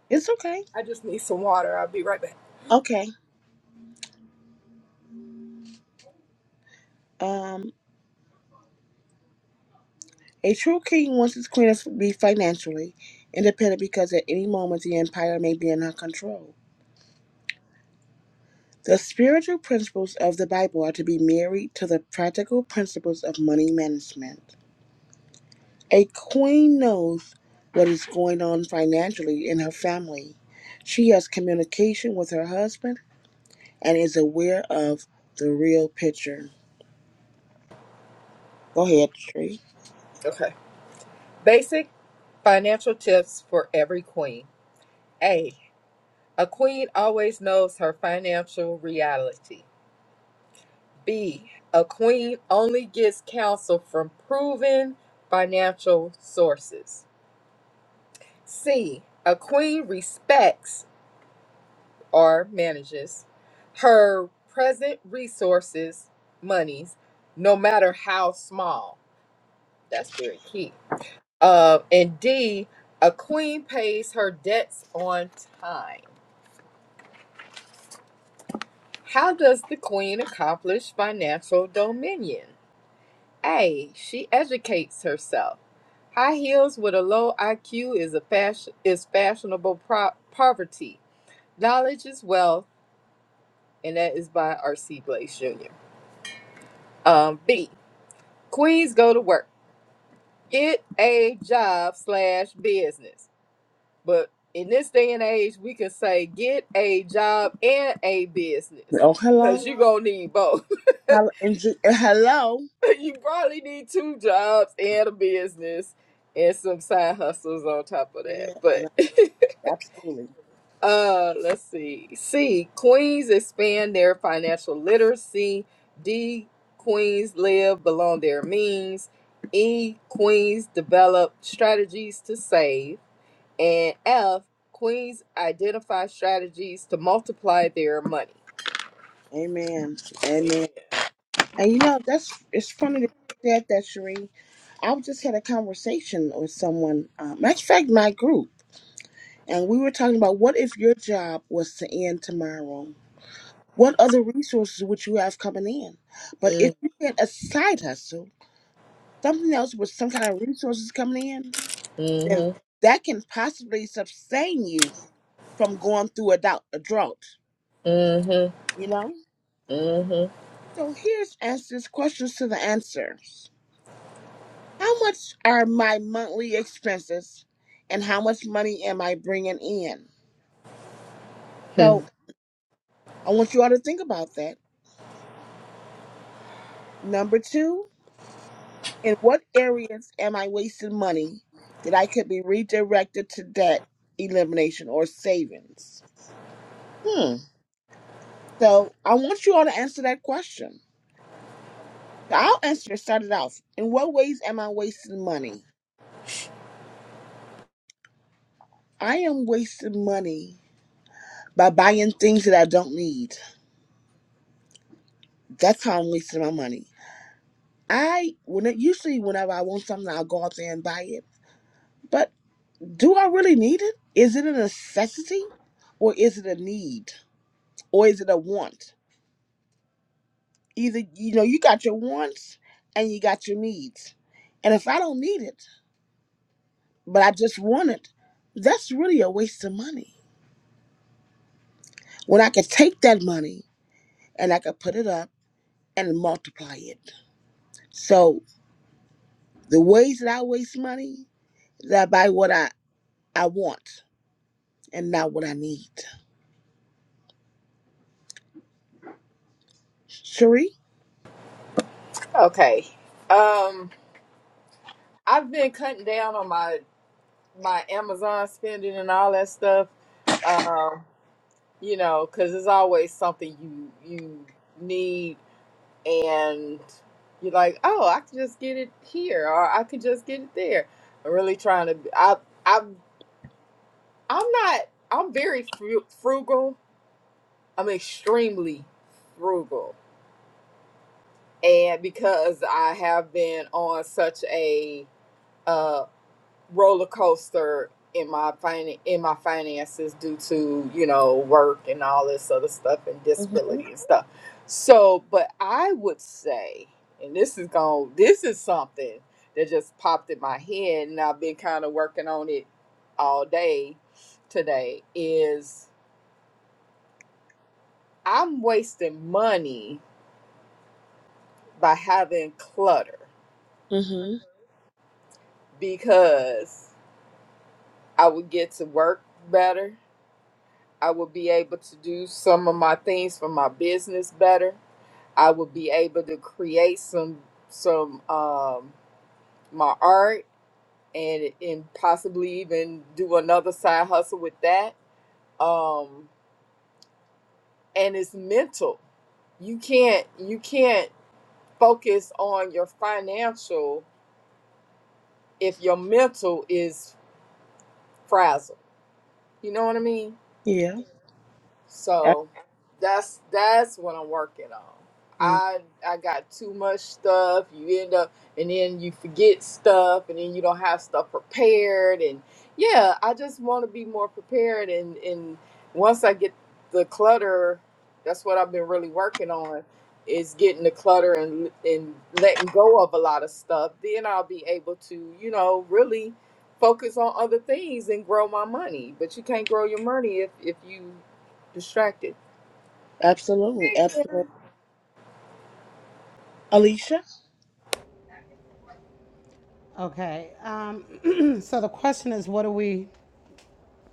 It's okay. I just need some water. I'll be right back. Okay. Um, a true king wants his queen to be financially independent because at any moment the empire may be in her control. The spiritual principles of the Bible are to be married to the practical principles of money management. A queen knows what is going on financially in her family. She has communication with her husband and is aware of the real picture. Go ahead, Tree. Okay. Basic financial tips for every queen. A. A queen always knows her financial reality. B. A queen only gets counsel from proven financial sources. C. A queen respects or manages her present resources, monies, no matter how small. That's very key. Uh, and D. A queen pays her debts on time. How does the queen accomplish financial dominion? A. she educates herself. High heels with a low IQ is a fashion is fashionable pro- poverty. Knowledge is wealth, and that is by R.C. Blaze Jr. Um, B. Queens go to work, get a job slash business. But in this day and age, we can say get a job and a business Oh, because hello. you're gonna need both. Hello. Hello. [LAUGHS] you probably need two jobs and a business and some side hustles on top of that. Yeah, But and I- absolutely. [LAUGHS] uh let's see. C Queens expand their financial literacy. D Queens live below their means. E Queens develop strategies to save. And F Queens identify strategies to multiply their money. Amen. Amen. And you know, that's it's funny that you said that, Cherie. I just had a conversation with someone. Uh, matter of fact, my group, and we were talking about what if your job was to end tomorrow. What other resources would you have coming in? But if Mm, you had a side hustle, something else with some kind of resources coming in, then mhm. that can possibly sustain you from going through a, drought. a drought. Mhm. You know. Mhm. So here's answers questions to the answers. How much are my monthly expenses and how much money am I bringing in? Hmm. So I want you all to think about that. Number two, in what areas am I wasting money that I could be redirected to debt elimination or savings? Hmm. So I want you all to answer that question. So I'll answer it, start it off. In what ways am I wasting money? I am wasting money by buying things that I don't need. That's how I'm wasting my money. I when it, usually whenever I want something, I'll go out there and buy it. But do I really need it? Is it a necessity, or is it a need, or is it a want? Either you know you got your wants and you got your needs, and if I don't need it but I just want it, that's really a waste of money. When I could take that money and I could put it up and multiply it. So the ways that I waste money is I buy what I I want and not what I need. Cherie? Okay. Um I've been cutting down on my my Amazon spending and all that stuff. Um, you know, because it's always something you you need, and you're like, oh, I could just get it here, or I could just get it there. I'm really trying to. I I I'm not. I'm very fru- frugal. I'm extremely frugal, and because I have been on such a uh, roller coaster in my fin- in my finances due to you know work and all this other stuff and Mm-hmm. disability and stuff. So, but I would say, and this is going this is something that just popped in my head, and I've been kind of working on it all day today. Is I'm wasting money by having clutter Mm-hmm. because I would get to work better I will be able to do some of my things for my business better. I will be able to create some some um, my art and and possibly even do another side hustle with that. Um, and it's mental. You can't you can't focus on your financial if your mental is frazzled. You know what I mean? Yeah. Ab- So that's that's what I'm working on. mm, I I got too much stuff. You end up and then you forget stuff and then you don't have stuff prepared and yeah, I just want to be more prepared and and once I get the clutter, that's what I've been really working on is getting the clutter and and letting go of a lot of stuff. Then I'll be able to, you know, really focus on other things and grow my money. But you can't grow your money if if you distracted. Absolutely. Hey, Absolutely. Sharon. Alicia? Okay. Um, [CLEARS THROAT] so the question is, what do we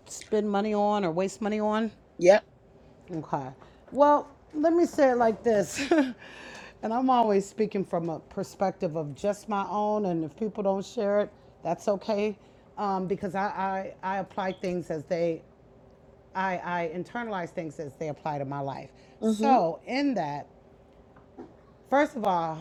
spend money on or waste money on? Yep. Okay. Well, let me say it like this. [LAUGHS] and I'm always speaking from a perspective of just my own. And if people don't share it, that's okay. Um, because I, I, I apply things as they, I, I internalize things as they apply to my life. Mhm. So, in that, first of all,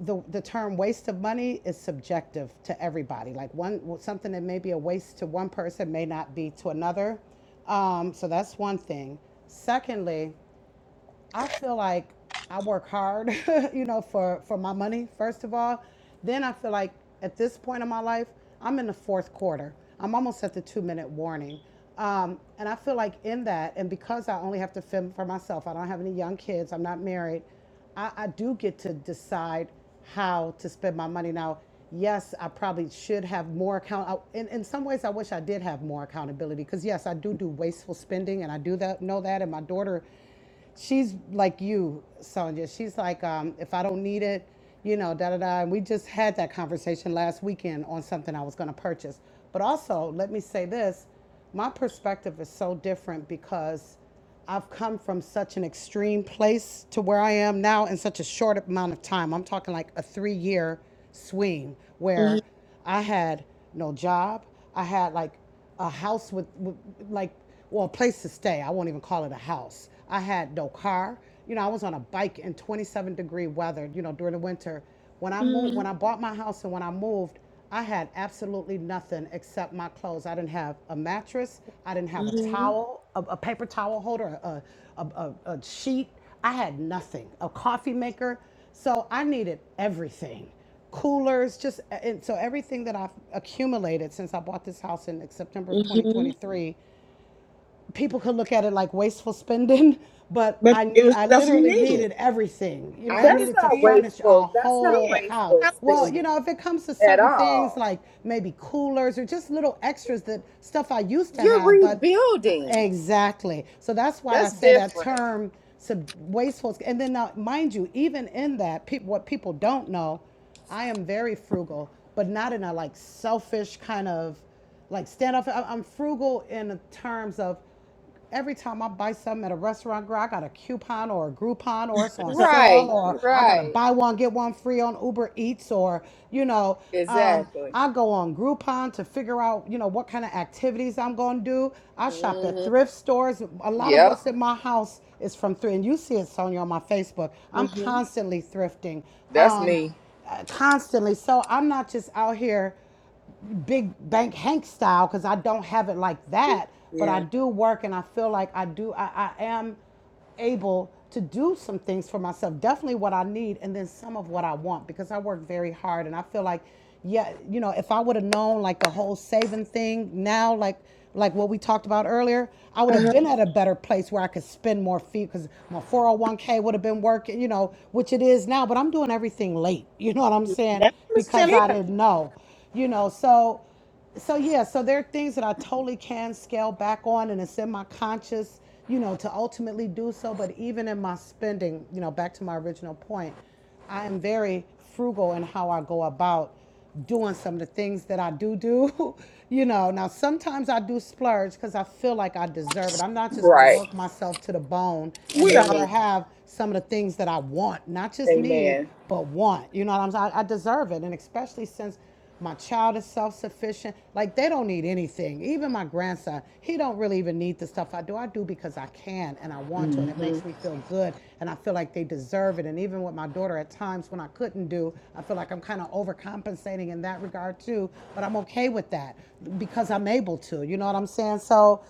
the, the term waste of money is subjective to everybody. Like one something that may be a waste to one person may not be to another. Um, so that's one thing. Secondly, I feel like I work hard, [LAUGHS] you know, for for my money first of all. Then I feel like at this point in my life, I'm in the fourth quarter. I'm almost at the two minute warning, um, and I feel like in that, and because I only have to fend for myself, I don't have any young kids, I'm not married. I, I do get to decide how to spend my money now. Yes, I probably should have more account. I, in, in some ways, I wish I did have more accountability because yes, I do do wasteful spending, and I do that know that. And my daughter she's like you, Sonia. She's like, um, if I don't need it, you know, da da da. And we just had that conversation last weekend on something I was going to purchase. But also, let me say this my perspective is so different because I've come from such an extreme place to where I am now in such a short amount of time. I'm talking like a three year swing Mhm. where I had no job. I had like a house with, with like, well, a place to stay. I won't even call it a house. I had no car. You know, I was on a bike in 27 degree weather. You know, during the winter. When I moved, when Mhm. I bought my house and when I moved, I had absolutely nothing except my clothes. I didn't have a mattress. I didn't have a Mhm. towel, a, a paper towel holder, a, a, a, a sheet. I had nothing. A coffee maker. So I needed everything coolers, just and so everything that I've accumulated since I bought this house in September of Mhm. 2023 people could look at it like wasteful spending, [LAUGHS] but But I it need, was I stuff you literally needed. needed everything. You know, I I That's needed to not understand. furnish a wasteful. That's not whole Yeah. house. wasteful How Well, wasteful. you spending know, if it comes to at certain things all. like maybe coolers or just little extras that stuff I used to You're have, but uh, rebuilding. Exactly. So that's why I That's say that different. term sub- wasteful. And then now, mind you, even in that, peop what people don't know, I am very frugal, but not in a like selfish kind of like stand up. I- I'm frugal in the terms of every time I buy something at a restaurant, girl, I got a coupon or a Groupon or it's on [LAUGHS] sale Right, or I got to right. buy one, get one free on Uber Eats or, you know, um, Exactly. I go on Groupon to figure out, you know, what kind of activities I'm going to do. I shop at hmm thrift stores. A lot of Yep, what's in my house is from thrift. And you see it, Sonya, on my Facebook. I'm Mm-hmm. constantly thrifting, that's um, me. uh, constantly. So I'm not just out here big bank Hank style because I don't have it like that, but I Yeah. do work and I feel like I do I, I am able to do some things for myself. Definitely what I need and then some of what I want because I work very hard and I feel like yeah, you know, if I would have known like the whole saving thing now like like what we talked about earlier, I would have Uh-huh. been at a better place where I could spend more feet because my 401k would have been working, you know, which it is now, but I'm doing everything late. [LAUGHS] You know what I'm Yeah. saying? That was Because Tim. I Yeah. didn't know you know so so yeah so there are things that i totally can scale back on and it's in my conscious you know to ultimately do so but even in my spending you know back to my original point i am very frugal in how i go about doing some of the things that i do do [LAUGHS] you know now sometimes i do splurge because i feel like i deserve it i'm not just gonna Right. work myself to the bone and We all never Amen. have some of the things that i want not just need Amen. but want you know what i'm saying i I deserve it and especially since my child is self-sufficient. Like they don't need anything. Even my grandson, he don't really even need the stuff I do. I do because I can and I want to hmm and it makes me feel good and I feel like they deserve it. And even with my daughter at times when I couldn't do, I feel like I'm kind of overcompensating in that regard too, but I'm okay with that because I'm able to. You know what I'm saying? So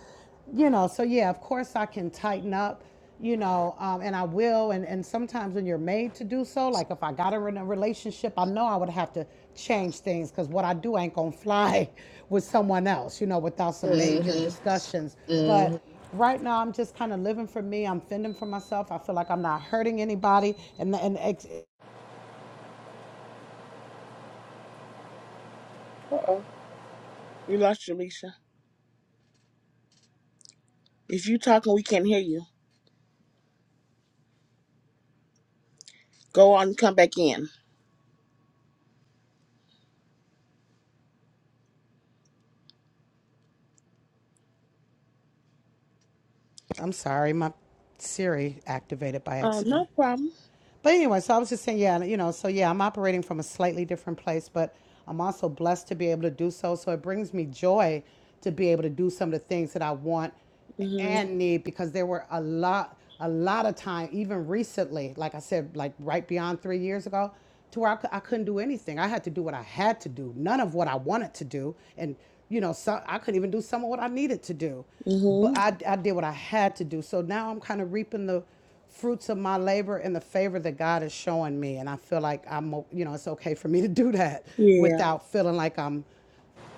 you know, so yeah, of course I can tighten up, you know, um, and I will. And, and sometimes when you're made to do so, like if I got her in a relationship, I know I would have to change things because what I do ain't gonna fly [LAUGHS] with someone else, you know, without some major hmm discussions. hmm But right now, I'm just kind of living for me. I'm fending for myself. I feel like I'm not hurting anybody. And and ex- we lost you, Alicia. If you talking, we can't hear you. Go on, and come back in. I'm sorry, my Siri activated by Oh, accident. no problem. But anyway, so I was just saying, yeah, you know, so yeah, I'm operating from a slightly different place, but I'm also blessed to be able to do so. So it brings me joy to be able to do some of the things that I want Mhm. and need because there were a lot, a lot of time, even recently, like I said, like right beyond three years ago, to where I, cou- I couldn't do anything. I had to do what I had to do, none of what I wanted to do. And, you know, so I couldn't even do some of what I needed to do but Mhm. I, I did what I had to do. So now I'm kind of reaping the fruits of my labor and the favor that God is showing me. And I feel like I'm, you know, it's okay for me to do that Yeah. without feeling like I'm,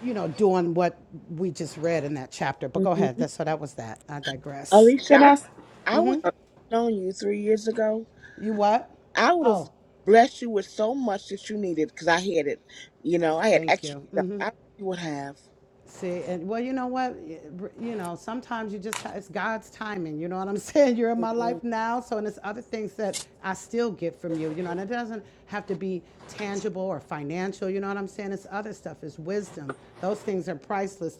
you know, doing what we just read in that chapter. But go Mhm. ahead. That's, so that was that. I digress. Can I, Alicia, s- I, I wish I would uh, known you three years ago. You what? I would have Oh, blessed you with so much that you needed because I had it. You know, I had thank extra you. Mm. stuff. hmm I really would have. See, and well, you know what? You know, sometimes you just, ha- it's God's timing. You know what I'm [LAUGHS] saying? You're in my Mhm. life now. So, and it's other things that I still get from you, you know, and it doesn't have to be tangible or financial. You know what I'm saying? It's other stuff, it's wisdom. Those things are priceless.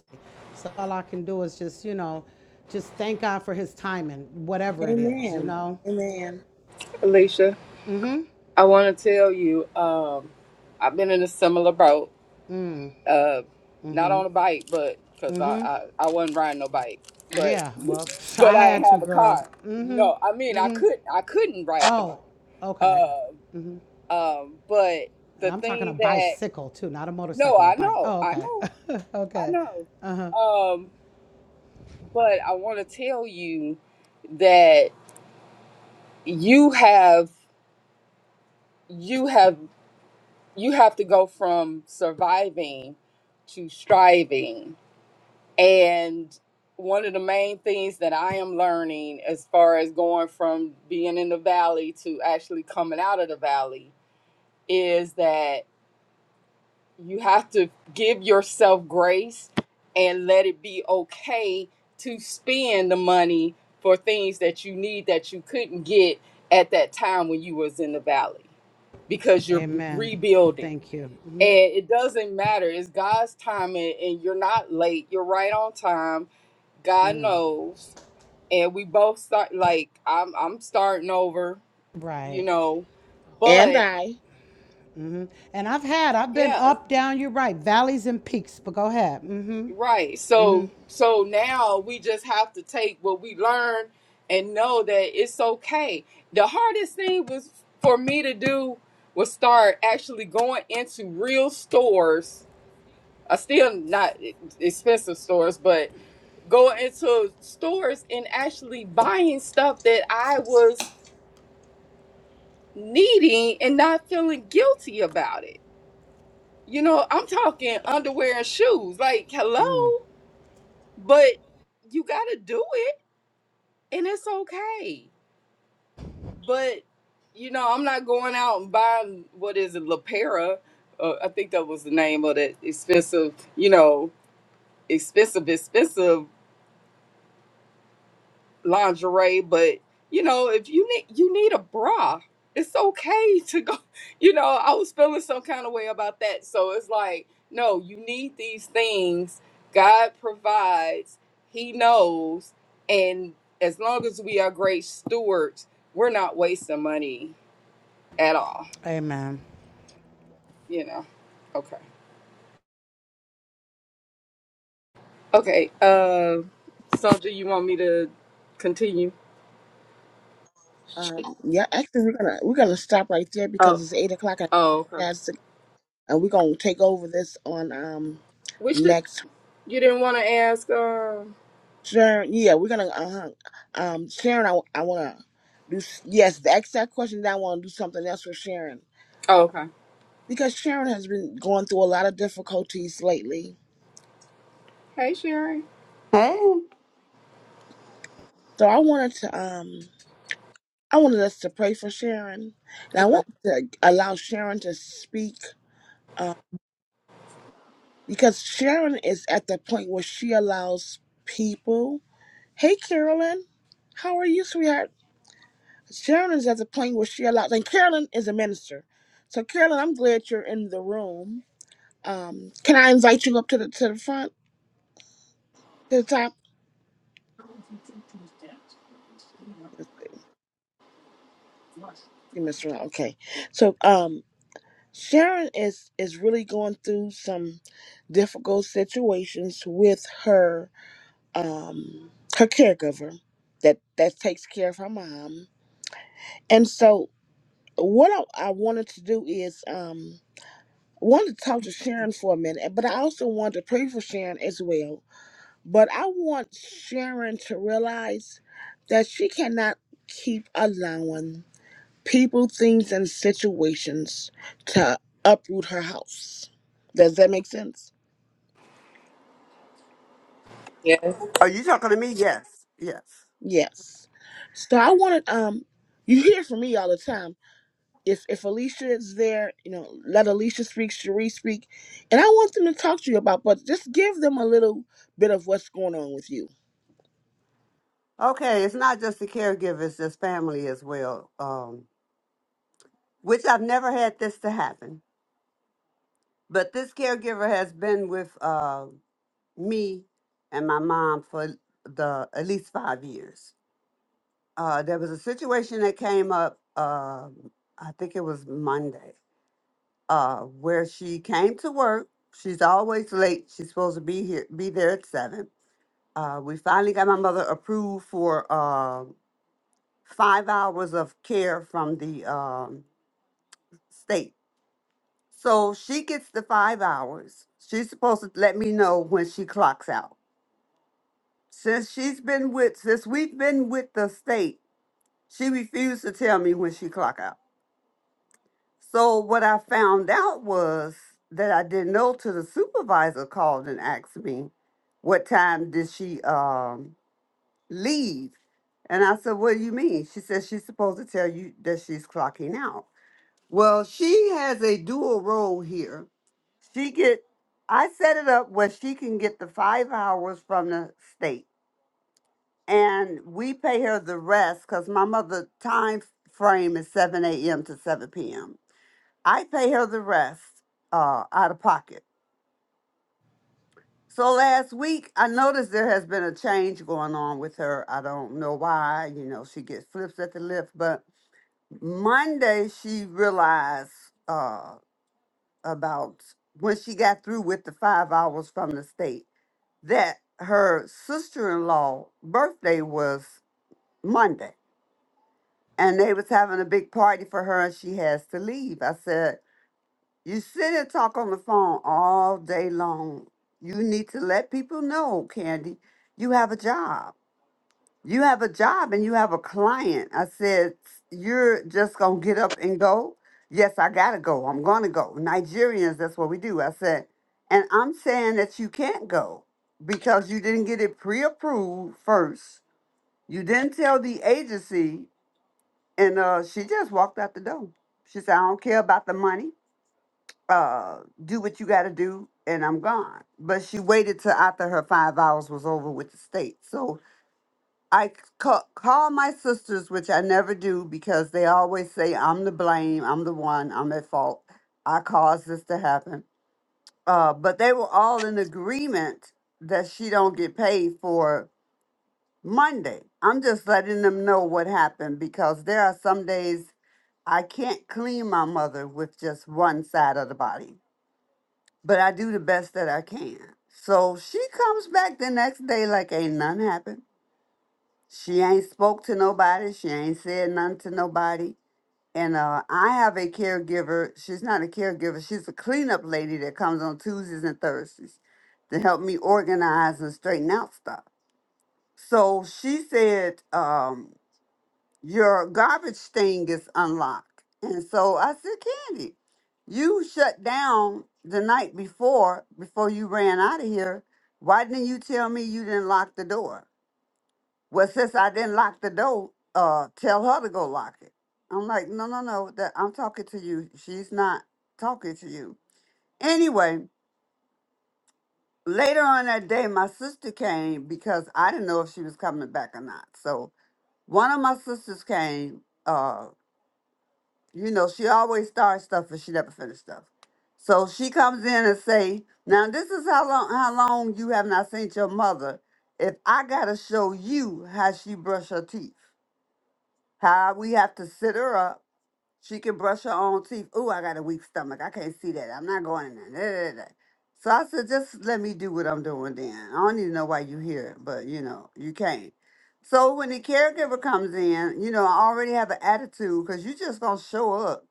So, all I can do is just, you know, just thank God for his timing, whatever it is, you Amen. know? Amen. Alicia? I want to tell you, um, I've been in a similar boat uh, not on a bike, but because Mm hmm. I, I I wasn't riding no bike, but Yeah. Well, [LAUGHS] but I I had didn't to, have a girl. car. Mm hmm. No, I mean I could I couldn't ride the bike. Oh, okay. Uh, um, but And the I'm talking a thing that bicycle too, not a no, motorcycle, a I bike. know, Oh, I okay. know, [LAUGHS] I okay. know. Um, but I want to tell you that you have you have you have to go from surviving to striving And one of the main things that I am learning as far as going from being in the valley to actually coming out of the valley is that you have to give yourself grace and let it be okay to spend the money for things that you need that you couldn't get at that time when you was in the valley because you're b- Amen. rebuilding Thank you. hmm and it doesn't matter it's god's timing and you're not late you're right on time God knows. And we both start like I'm I'm starting over, you Right. know. And But I. hmm And I've had, I've been yeah, up, down, you're right, valleys and peaks, but go ahead. hmm right. So so now we just have to take what we learned and know that it's okay. The hardest thing was for me to do was start actually going into real stores. I still not expensive stores, but go into stores and actually buying stuff that I was needing and not feeling guilty about it. You know, I'm talking underwear and shoes. Like, hello, but you got to do it and it's okay. But, you know, I'm not going out and buying, what is it, LaPera? Uh, I think that was the name of that expensive, you know, expensive, expensive lingerie, but you know, if you need you need a bra, it's okay to go. [LAUGHS] You know, I was feeling some kind of way about that. So it's like, no, you need these things. God provides, He knows, and as long as we are great stewards, we're not wasting money at all. Amen. You know. Okay. Okay. Uh Soldier, you want me to continue? Um, yeah, actually, we're gonna we're gonna stop right there because Oh. it's eight o'clock. and Oh, okay. That's and we're gonna take over this on um We should next. you didn't want to ask um Sharon, yeah, we're gonna uh um Sharon. I, I wanna do s- yes. The exact question that I wanna do something else with Sharon oh okay. because Sharon has been going through a lot of difficulties lately Hey, Sharon. Hey, So I wanted to um I wanted us to pray for Sharon, and I Okay. want to allow Sharon to speak um, because Sharon is at the point where she allows people. Hey, Carolyn, how are you, sweetheart? Sharon is at the point where she allows, and Carolyn is a minister. So Carolyn, I'm glad you're in the room. Um, can I invite you up to the to the front to the top? Let's see. You missed around. Okay. So um Sharon is is really going through some difficult situations with her um her caregiver that that takes care of her mom. And so what I, I wanted to do is um wanted to talk to Sharon for a minute, but I also wanted to pray for Sharon as well. But I want Sharon to realize that she cannot keep allowing people, things, and situations to uproot her house. Does that make sense? Yes. Are you talking to me? Yes. Yes. Yes. So I wanted um you hear from me all the time. If if Alicia is there, you know, let Alicia speak, Cherie speak. And I want them to talk to you about but just give them a little bit of what's going on with you. okay, it's not just the caregiver, it's just family as well. Um, which I've never had this to happen, but this caregiver has been with uh, me and my mom for the at least five years. Uh, there was a situation that came up. Uh, I think it was Monday, uh, where she came to work. She's always late. She's supposed to be here, be there at seven. Uh, we finally got my mother approved for. um, five hours of care from the um, state. So she gets the five hours. She's supposed to let me know when she clocks out. Since she's been with, since we've been with the state, she refused to tell me when she clock out. So what I found out was that I didn't know till the supervisor called and asked me what time did she um, leave. And I said, what do you mean? She said she's supposed to tell you that she's clocking out. Well, she has a dual role here. She get I set it up where she can get the five hours from the state, and we pay her the rest because my mother time frame is seven a.m. to seven p.m. I pay her the rest uh, out of pocket. So last week, I noticed there has been a change going on with her. I don't know why. You know, she gets flips at the lift, but Monday she realized. Uh, about when she got through with the five hours from the state that her sister-in-law birthday was monday and they was having a big party for her and she has to leave i said you sit and talk on the phone all day long you need to let people know candy you have a job you have a job and you have a client. I said, you're just going to get up and go? Yes, I got to go. I'm going to go. Nigerians, that's what we do. I said, and I'm saying that you can't go because you didn't get it pre approved first. You didn't tell the agency. And uh, she just walked out the door. She said, I don't care about the money. Uh, do what you got to do, and I'm gone. But she waited till after her five hours was over with the state. So I ca- call my sisters, which I never do because they always say I'm the blame, I'm the one, I'm at fault. I caused this to happen. Uh, but they were all in agreement that she don't get paid for Monday. I'm just letting them know what happened because there are some days I can't clean my mother with just one side of the body, but I do the best that I can. So she comes back the next day like ain't none happened She ain't spoke to nobody. She ain't said nothing to nobody. And uh, I have a caregiver. She's not a caregiver. She's a cleanup lady that comes on Tuesdays and Thursdays to help me organize and straighten out stuff. So she said, um, "Your garbage thing is unlocked." And so I said, "Candy, you shut down the night before before you ran out of here. Why didn't you tell me you didn't lock the door?" Well, since I didn't lock the door, uh, tell her to go lock it. I'm like, no, no, no. That I'm talking to you. She's not talking to you. Anyway, later on that day, my sister came because I didn't know if she was coming back or not. So one of my sisters came. Uh, you know, she always starts stuff and she never finished stuff. So she comes in and say, "Now this is how long how long you have not seen your mother. If I gotta show you how she brush her teeth." How we have to sit her up. She can brush her own teeth. Ooh, I got a weak stomach. I can't see that. I'm not going in there. Da, da, da. So I said, just let me do what I'm doing then. I don't even know why you here, but you know, you can't. So when the caregiver comes in, you know, I already have an attitude because you just gonna show up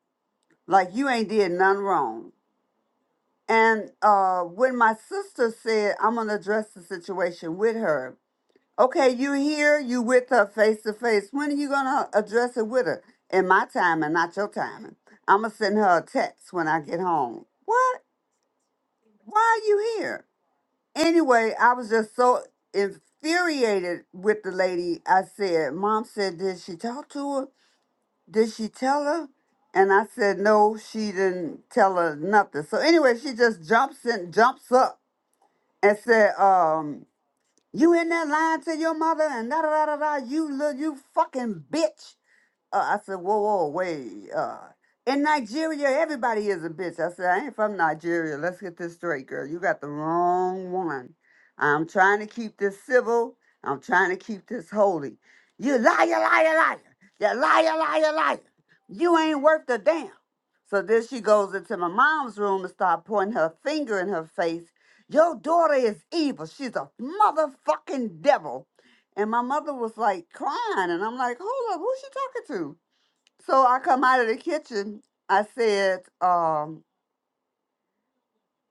like you ain't did nothing wrong. And uh, when my sister said I'm gonna address the situation with her, Okay, you here, you with her face to face. When are you gonna address it with her? In my timing, not your timing. I'ma send her a text when I get home. What? Why are you here? Anyway, I was just so infuriated with the lady. I said, Mom said, did she talk to her? Did she tell her? And I said, No, she didn't tell her nothing. So anyway, she just jumps in jumps up and said, um, You in that line to your mother and da da da da da. You little you fucking bitch. Uh, I said, whoa, whoa, wait. Uh, in Nigeria, everybody is a bitch. I said, I ain't from Nigeria. Let's get this straight, girl. You got the wrong one. I'm trying to keep this civil. I'm trying to keep this holy. You liar, liar, liar. You liar, liar, liar. You ain't worth a damn. So then she goes into my mom's room and start pointing her finger in her face. Your daughter is evil. She's a motherfucking devil. And my mother was like crying, and I'm like, hold up, who's she talking to? So I come out of the kitchen. I said, um,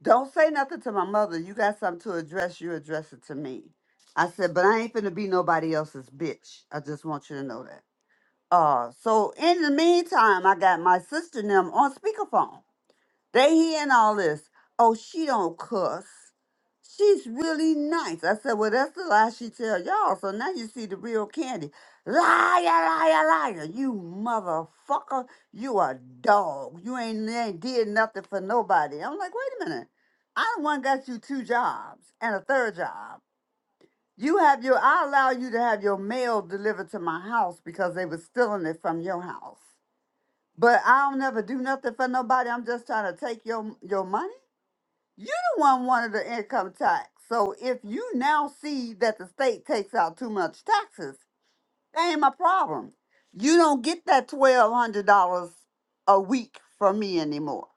don't say nothing to my mother. You got something to address, you address it to me. I said, but I ain't finna be nobody else's bitch. I just want you to know that. Uh, so in the meantime, I got my sister and them on speakerphone. They hearing all this. Oh, she don't cuss. She's really nice. I said, well, that's the lie she tell y'all. So now you see the real candy. Liar, liar, liar. You motherfucker. You a dog. You ain't, ain't did nothing for nobody. I'm like, wait a minute. I the one got you two jobs and a third job. You have your, I allow you to have your mail delivered to my house because they was stealing it from your house. But I don't never do nothing for nobody. I'm just trying to take your your money. You the one wanted the income tax. So if you now see that the state takes out too much taxes, that ain't my problem. You don't get that twelve hundred dollars a week from me anymore.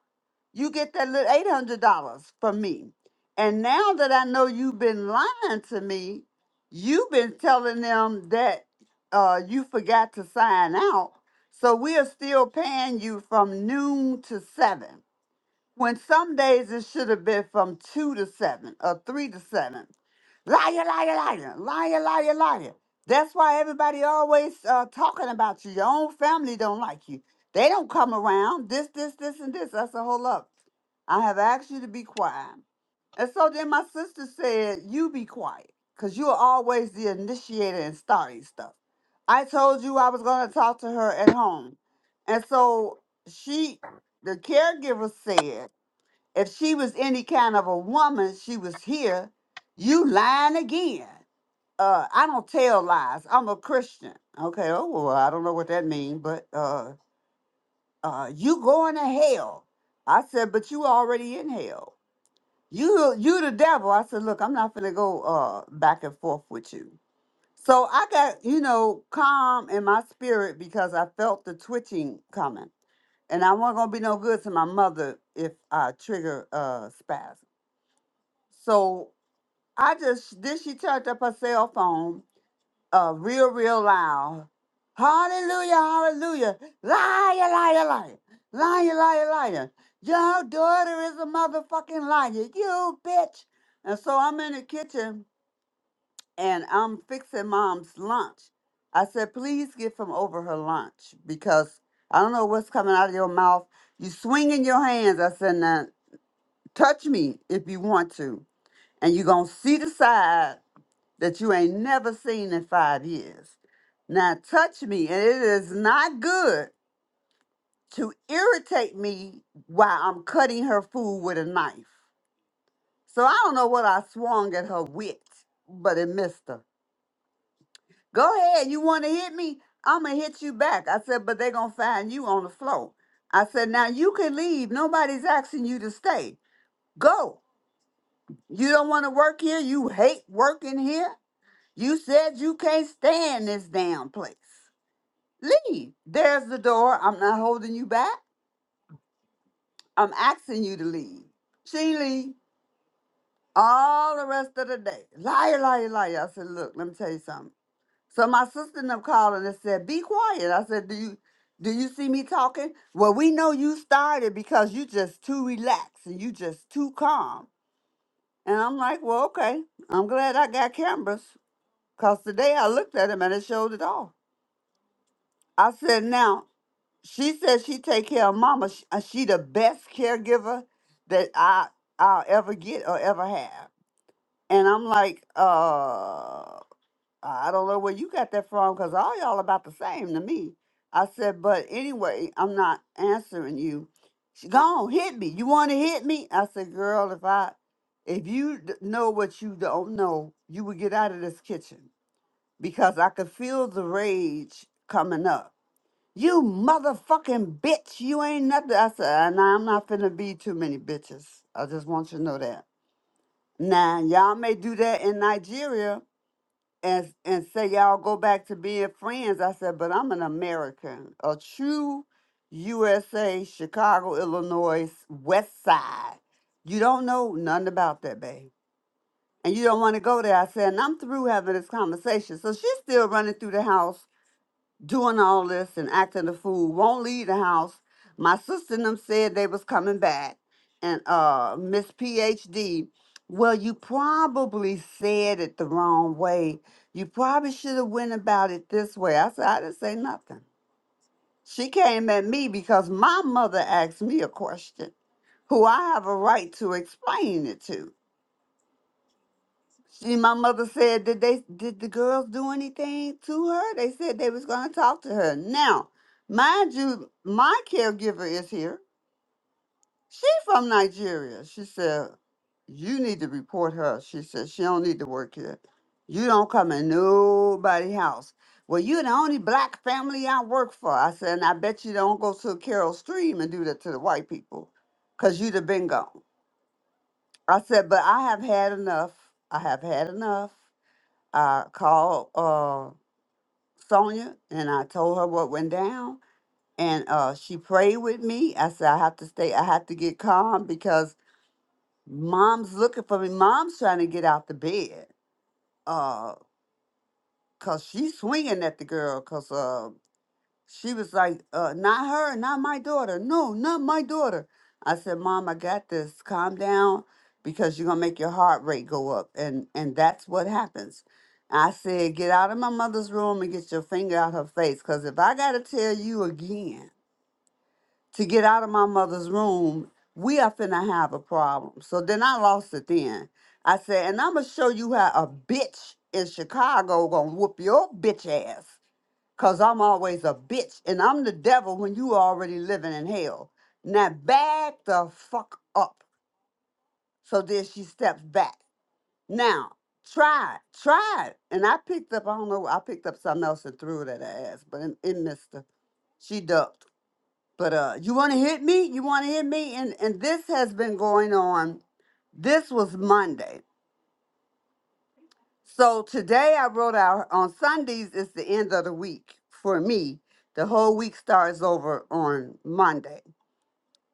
You get that little eight hundred dollars from me. And now that I know you've been lying to me, you've been telling them that uh, you forgot to sign out. So we are still paying you from noon to seven when some days it should have been from two to seven or three to seven. Liar, liar, liar, liar, liar, liar. That's why everybody always uh, talking about you. Your own family don't like you. They don't come around. This, this, this, and this. That's a whole up. I have asked you to be quiet. And so then my sister said, You be quiet, because you are always the initiator and starting stuff. I told you I was going to talk to her at home. And so she, the caregiver said, if she was any kind of a woman, she was here. You lying again. Uh, I don't tell lies. I'm a Christian. Okay. Oh well, I don't know what that means, but uh, uh, you going to hell? I said, but you already in hell. You, you the devil. I said, look, I'm not gonna go uh back and forth with you. So I got you know calm in my spirit because I felt the twitching coming, and I wasn't gonna be no good to my mother if I trigger uh spasm. So I just then she turned up her cell phone uh real real loud. Hallelujah, hallelujah. Liar, liar, liar. Liar, liar, liar. Your daughter is a motherfucking liar. You bitch. And so I'm in the kitchen and I'm fixing mom's lunch. I said, please get from over her lunch because I don't know what's coming out of your mouth. You swinging your hands. I said, now touch me if you want to. And you're going to see the side that you ain't never seen in five years. Now touch me, and it is not good to irritate me while I'm cutting her food with a knife. So I don't know what I swung at her with, but it missed her. Go ahead, you want to hit me? I'm gonna hit you back. I said, but they're gonna find you on the floor. I said, now you can leave. Nobody's asking you to stay. Go. You don't want to work here. You hate working here. You said you can't stand this damn place. Leave. There's the door. I'm not holding you back. I'm asking you to leave. She leave all the rest of the day. Liar, liar, liar. I said, look, let me tell you something. So my sister and them called and they said, be quiet. I said, do you do you see me talking? Well, we know you started because you just too relaxed and you just too calm. And I'm like, well, okay. I'm glad I got cameras. Cause today I looked at him and it showed it all. I said, now She says she take care of mama. She, uh, she the best caregiver that I I'll ever get or ever have. And I'm like, uh, I don't know where you got that from because all y'all about the same to me. I said, but anyway, I'm not answering you. She gone hit me. You want to hit me? I said, girl, if I if you d- know what you don't know, you would get out of this kitchen because I could feel the rage coming up you motherfucking bitch. You ain't nothing. I said, "Uh, nah, I'm not finna be too many bitches. I just want you to know that. Now, y'all may do that in Nigeria and, and say y'all go back to being friends. I said, but I'm an American, a true USA, Chicago, Illinois, West Side. You don't know nothing about that, babe. And you don't want to go there. I said, and I'm through having this conversation. So she's still running through the house doing all this and acting a fool, won't leave the house. My sister and them said they was coming back. And uh Miss PhD, well, you probably said it the wrong way. You probably should have went about it this way. I said, I didn't say nothing. She came at me because my mother asked me a question who I have a right to explain it to. And my mother said, did they did the girls do anything to her? They said they was gonna talk to her. Now, mind you, my caregiver is here. She from Nigeria. She said, You need to report her. She said, She don't need to work here. You don't come in nobody's house. Well, you're the only black family I work for. I said, and I bet you don't go to Carol Stream and do that to the white people, 'cause you'd have been gone. I said, but I have had enough. I have had enough. I called uh, Sonia and I told her what went down, and uh, she prayed with me. I said, I have to stay, I have to get calm because mom's looking for me. Mom's trying to get out the bed because she's swinging at the girl because. She was like, uh, not her, not my daughter. No, not my daughter. I said, Mom, I got this. Calm down because you're gonna make your heart rate go up. And and that's what happens. I said, get out of my mother's room and get your finger out her face. Cause if I gotta tell you again to get out of my mother's room, we are finna have a problem. So then I lost it then. I said, and I'ma show you how a bitch in Chicago gonna whoop your bitch ass. Cause I'm always a bitch and I'm the devil when you already living in hell. Now back the fuck up. So then she steps back. Now, try, it, try. it. And I picked up, I don't know, I picked up something else and threw it at her ass, but it, it missed her. She ducked. But uh, you wanna hit me? You wanna hit me? And and this has been going on. This was Monday. So today I wrote out on Sundays is the end of the week for me. The whole week starts over on Monday.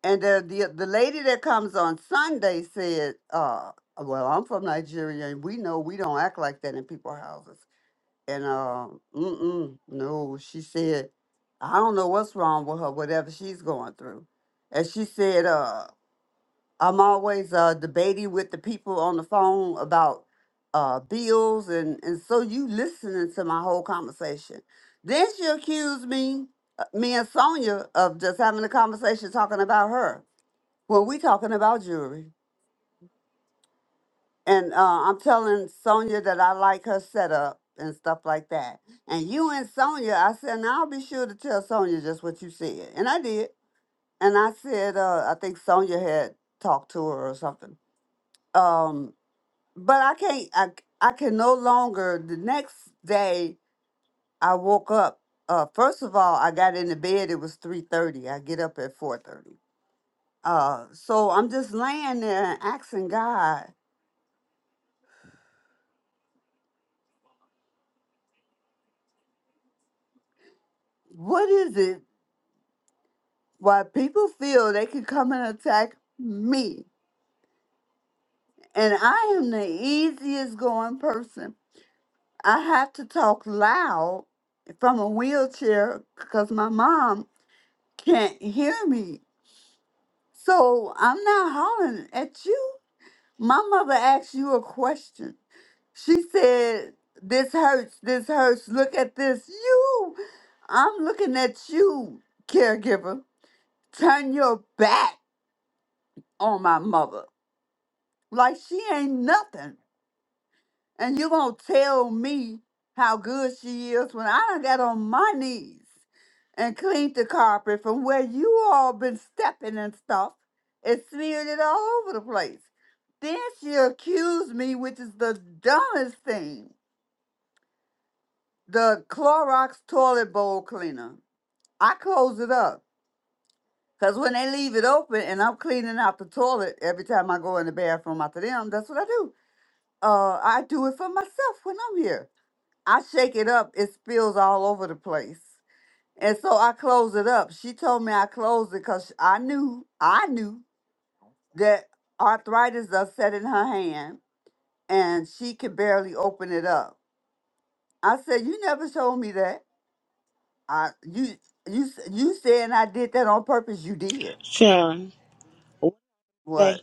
And the the, the lady that comes on Sunday said, uh, well, I'm from Nigeria and we know we don't act like that in people's houses. And uh, mm-mm, no, she said, I don't know what's wrong with her, whatever she's going through. And she said, uh, I'm always uh, debating with the people on the phone about uh, bills, and, and so you listening to my whole conversation. Then she accused me, uh, me and Sonia, of just having a conversation talking about her when we talking about jewelry. And uh, I'm telling Sonia that I like her setup and stuff like that. And you and Sonia, I said, now I'll be sure to tell Sonia just what you said, and I did. And I said, uh, I think Sonia had talked to her or something. Um, but I can't. I I can no longer. The next day, I woke up. Uh, first of all, I got into bed. It was three thirty. I get up at four thirty. Uh, so I'm just laying there and asking God, what is it why people feel they can come and attack me? And I am the easiest going person. I have to talk loud from a wheelchair because my mom can't hear me So I'm not hollering at you. My mother asked you a question. She said, This hurts, this hurts, look at this. You, I'm looking at you, caregiver. Turn your back on my mother. Like she ain't nothing. And you going to tell me how good she is when I done got on my knees and cleaned the carpet from where you all been stepping and stuff and smeared it all over the place. Then she accused me, which is the dumbest thing, the Clorox toilet bowl cleaner. I close it up. Because when they leave it open and I'm cleaning out the toilet every time I go in the bathroom after them, that's what I do. Uh, I do it for myself when I'm here. I shake it up, it spills all over the place. And so I close it up. She told me I closed it because I knew, I knew that arthritis upset in her hand and she could barely open it up. I said, You never told me that. I you you s- you said I did that on purpose, you did. Sharon. Wednesday, What?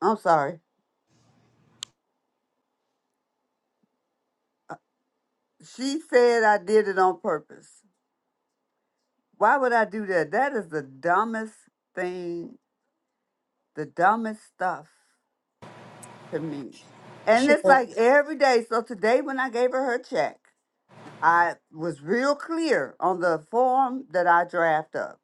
I'm sorry. She said I did it on purpose. Why would I do that? That is the dumbest thing, the dumbest stuff. to me. And it's like every day. So today, when I gave her her check, I was real clear on the form that I draft up.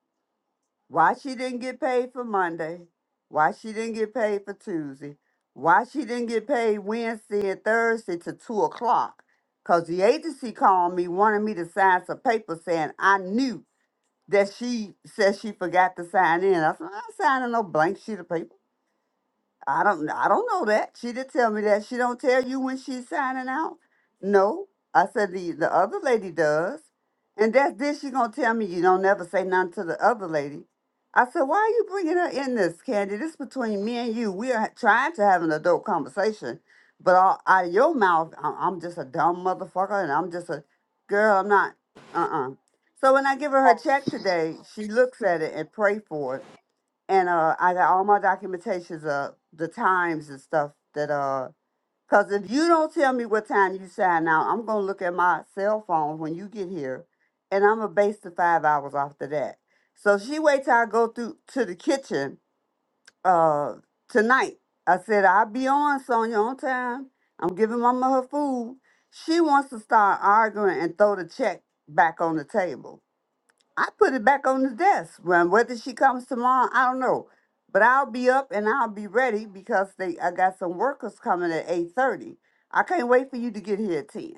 Why she didn't get paid for Monday, why she didn't get paid for Tuesday, why she didn't get paid Wednesday and Thursday to two o'clock. Because the agency called me, wanted me to sign some paper saying I knew that she said she forgot to sign in. I said, I'm not signing no blank sheet of paper. I don't I don't know that. She did tell me that. She don't tell you when she's signing out. No. I said the the other lady does. And that's then she gonna tell me you don't never say nothing to the other lady. I said, why are you bringing her in this, Candy? This between me and you. We are trying to have an adult conversation, but all, out of your mouth, I- I'm just a dumb motherfucker, and I'm just a girl. I'm not. Uh uh So when I give her her check today, she looks at it and pray for it and uh, I got all my documentations of the times and stuff that uh, cause if you don't tell me what time you sign out, I'm gonna look at my cell phone when you get here, and I'm gonna base the five hours after that. So she wait till I go through to the kitchen uh tonight. I said I'll be on Sonya on time. I'm giving Mama her food. She wants to start arguing and throw the check back on the table. I put it back on the desk. Well, whether she comes tomorrow, I don't know. But I'll be up and I'll be ready because they I got some workers coming at eight thirty. I can't wait for you to get here at ten.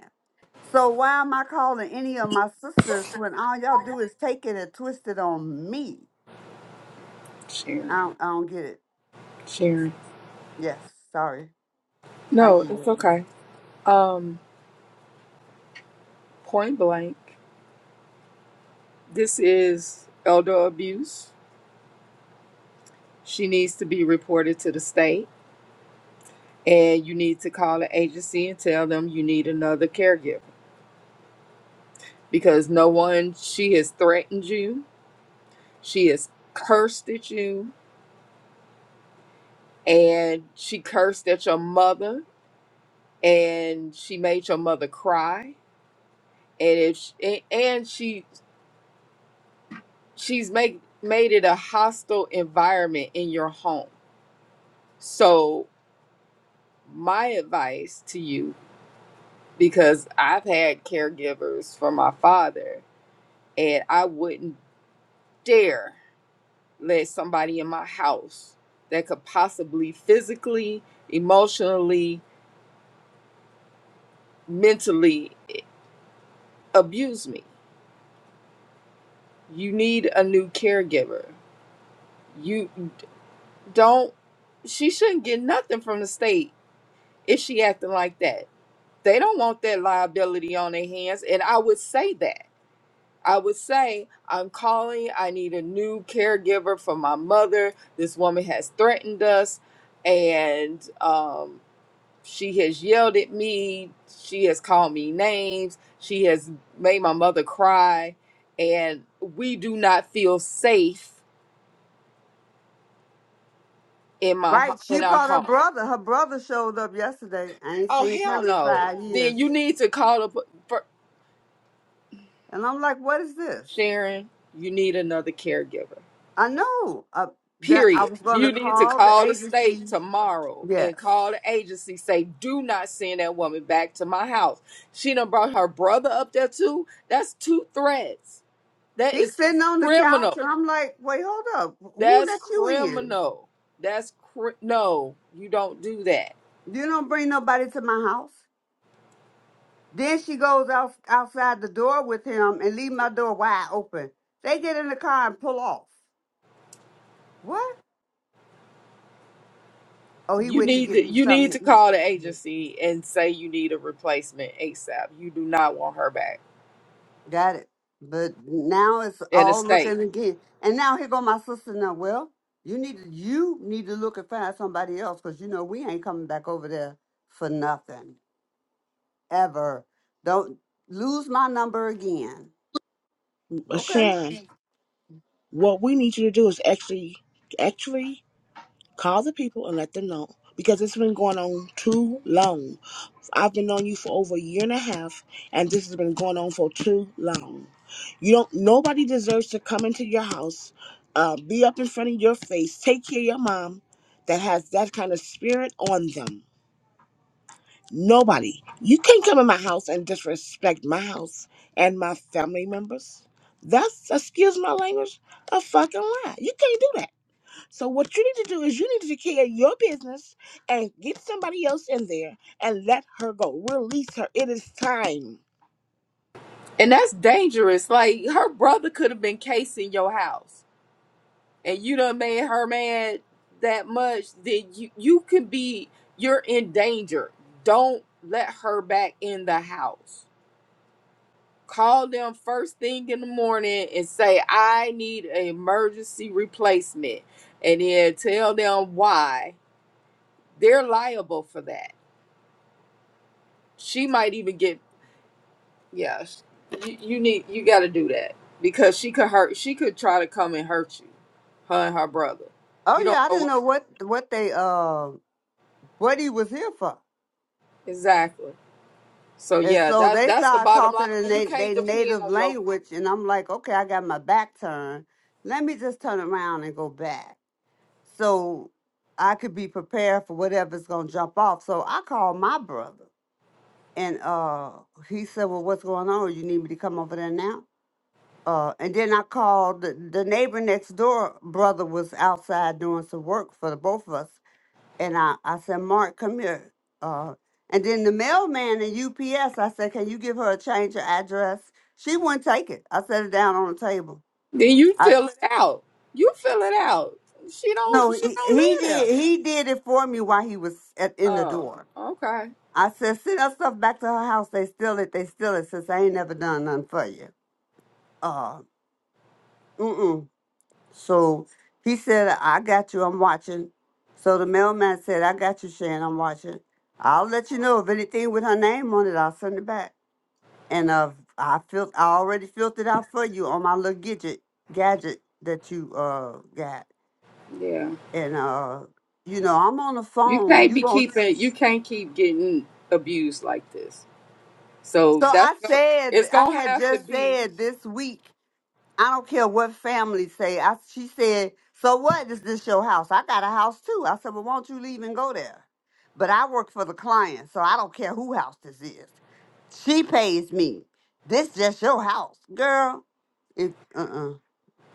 So why am I calling any of my sisters when all y'all do is take it and twist it on me? Sharon. I don't, I don't get it. Sharon. Yes, sorry. I No, yield. it's okay. Um, point blank, this is elder abuse. She needs to be reported to the state, and you need to call the agency and tell them you need another caregiver because no one, she has threatened you, she has cursed at you, and she cursed at your mother, and she made your mother cry. And if she, and and she she's make made it a hostile environment in your home. So my advice to you, because I've had caregivers for my father, and I wouldn't dare let somebody in my house that could possibly physically, emotionally, mentally abuse me. You need a new caregiver. You don't she shouldn't get nothing from the state if she acting like that they don't want that liability on their hands. And I would say that. I would say, I'm calling. I need a new caregiver for my mother. This woman has threatened us and um, she has yelled at me. She has called me names. She has made my mother cry. And we do not feel safe in my ho- Right, she in our brought her home. brother. Her brother showed up yesterday. I ain't seen Hell him in no. five Then years. you need to call up And I'm like, what is this? Sharon. You need another caregiver I know uh, that I Period. was going to You need to call the call the state agency. tomorrow and Yes. call the agency. Say, do not send that woman back to my house. She done brought her brother up there too. That's two threats. That He's is sitting on the couch, criminal. and I'm like, wait, hold up. Who That's let you in? criminal. That's cri- no. You don't do that. You don't bring nobody to my house. Then she goes out, outside the door with him and leave my door wide open. They get in the car and pull off. What? Oh, he You went to need get to me you need something to to call the eat. agency and say you need a replacement ASAP. You do not want her back Got it. But now it's in the all state. looking again. And now here go my sister now. Well, you need to you need to look and find somebody else because you know we ain't coming back over there for nothing. Ever. Don't lose my number again. uh, Okay. Sharon, Okay. what we need you to do is actually actually call the people and let them know because it's been going on too long I've been on you for over a year and a half, and this has been going on for too long. You don't. Nobody deserves to come into your house, uh, be up in front of your face, take care of your mom that has that kind of spirit on them. Nobody. You can't come in my house and disrespect my house and my family members. That's excuse my language, a fucking lie. You can't do that. So what you need to do is you need to declare your business and get somebody else in there and let her go. Release her. It is time. And that's dangerous. Like her brother could have been casing your house. and you done made her mad that much, then you you can be you're in danger. Don't let her back in the house. Call them first thing in the morning and say, I need an emergency replacement. And then tell them why. They're liable for that. She might even get yeah, sh- you, you need you gotta do that. Because she could hurt she could try to come and hurt you. Her and her brother. Oh You yeah, don't I know why. didn't know what what they uh what he was here for. Exactly. So And yeah, so that's they that's the started bottom line. talking in And you they, can't they depend native on your. language and I'm like, okay, I got my back turned. Let me just turn around and go back. so I could be prepared for whatever's gonna jump off. So I called my brother, and uh, he said, "Well, what's going on? You need me to come over there now?" Uh, and then I called the, the neighbor next door. Brother was outside doing some work for the both of us, and I I said, "Mark, come here." Uh, and then the mailman at UPS, I said, "Can you give her a change of address?" She wouldn't take it. I set it down on the table. Then you I fill it out. You fill it out. She no, don't. She he, don't he live there. did he did it for me while he was at, in the Oh, door. okay. I said, send that stuff back to her house. They steal it. They steal it. Since I ain't never done nothing for you. Uh, mm-mm. So he said, I got you. I'm watching. So the mailman said, I got you, Shan. I'm watching. I'll let you know if anything with her name on it. I'll send it back. And uh, I fil- I already filtered out for you on my little gadget, gadget that you uh got. Yeah. And uh, you know, I'm on the You phone. can't You be gonna? keeping. You can't keep getting abused like this. So So that's. I go- said, It's I gonna had have to just be. said this week. I don't care what family say. I, she said, "So what? Is this your house? I got a house too." I said, "Well, won't you leave and go there?" But I work for the client, so I don't care who house this is. She pays me. This just your house, girl. It uh uh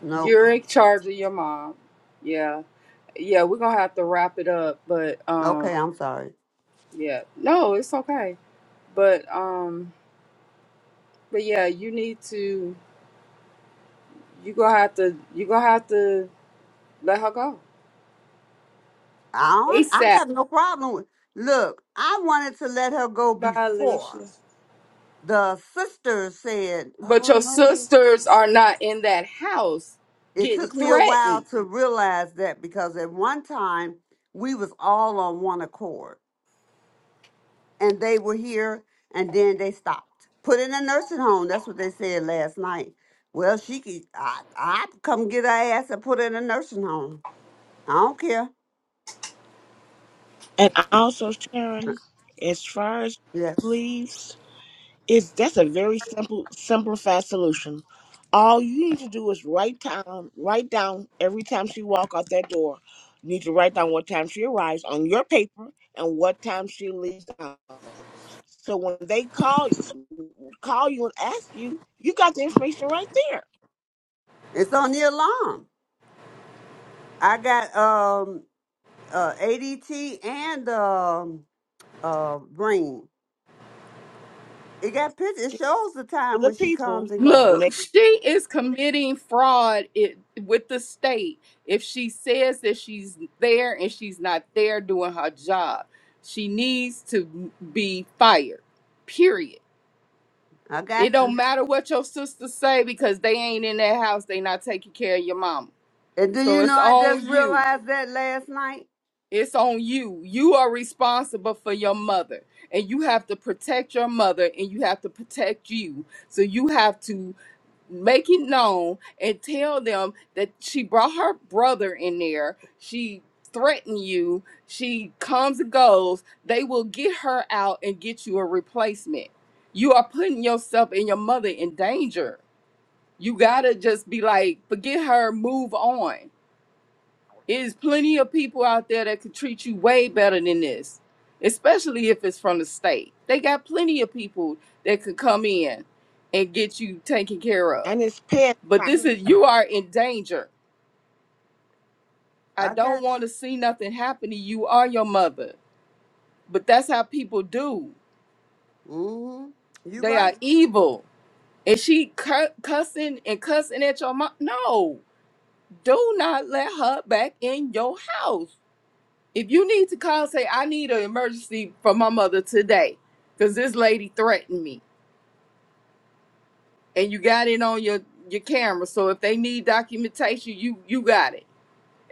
nope. You're in charge of your mom. Yeah. Yeah. We're gonna have to wrap it up. But Okay, um. I'm sorry. Yeah. No, it's okay. But um. But yeah, you need to. You gonna have to. You gonna have to Let her go. I don't, I ASAP. have no problem with. Look, I wanted to let her go Bye, before Alicia. the sister said, But "Oh your no." sisters are not in that house it getting took me a while threatened. to realize that because at one time we was all on one accord and they were here and then they stopped put in a nursing home that's what they said last night well she could i i come get her ass and put her in a nursing home i don't care And also, Uh, Sharon, as far as yes leaves. It's that's a very simple, simplified solution. All you need to do is write down, write down every time she walk out that door. You need to write down what time she arrives on your paper and what time she leaves out. So when they call you, call you and ask you, you got the information right there it's on the alarm i got um uh adt and um uh brain it got pictures it to shows the time the when she people comes and goes when Look, they she is committing fraud it, with the state if she says that she's there and she's not there doing her job. She needs to be fired. Period. i It got you don't matter what your sisters say because they ain't in that house. They not taking care of your mama. And do So you know it's I on just you. realized that last night? It's on you. You are responsible for your mother, and you have to protect your mother, and you have to protect you. So you have to make it known and tell them that she brought her brother in there. She threatened you. She comes and goes. They will get her out and get you a replacement. You are putting yourself and your mother in danger. You gotta just be like, forget her, move on is plenty of people out there that could treat you way better than this, especially if it's from the state. They got plenty of people that could come in and get you taken care of. and it's past But time. this is you are in danger. I I don't got want to you. see nothing happen to you or your mother. But that's how people do. hmm You They are right. evil. And she cu- cussing and cussing at your mom. No, do not let her back in your house. If you need to call, say I need an emergency for my mother today, because this lady threatened me, and you got it on your your camera. So if they need documentation, you you got it.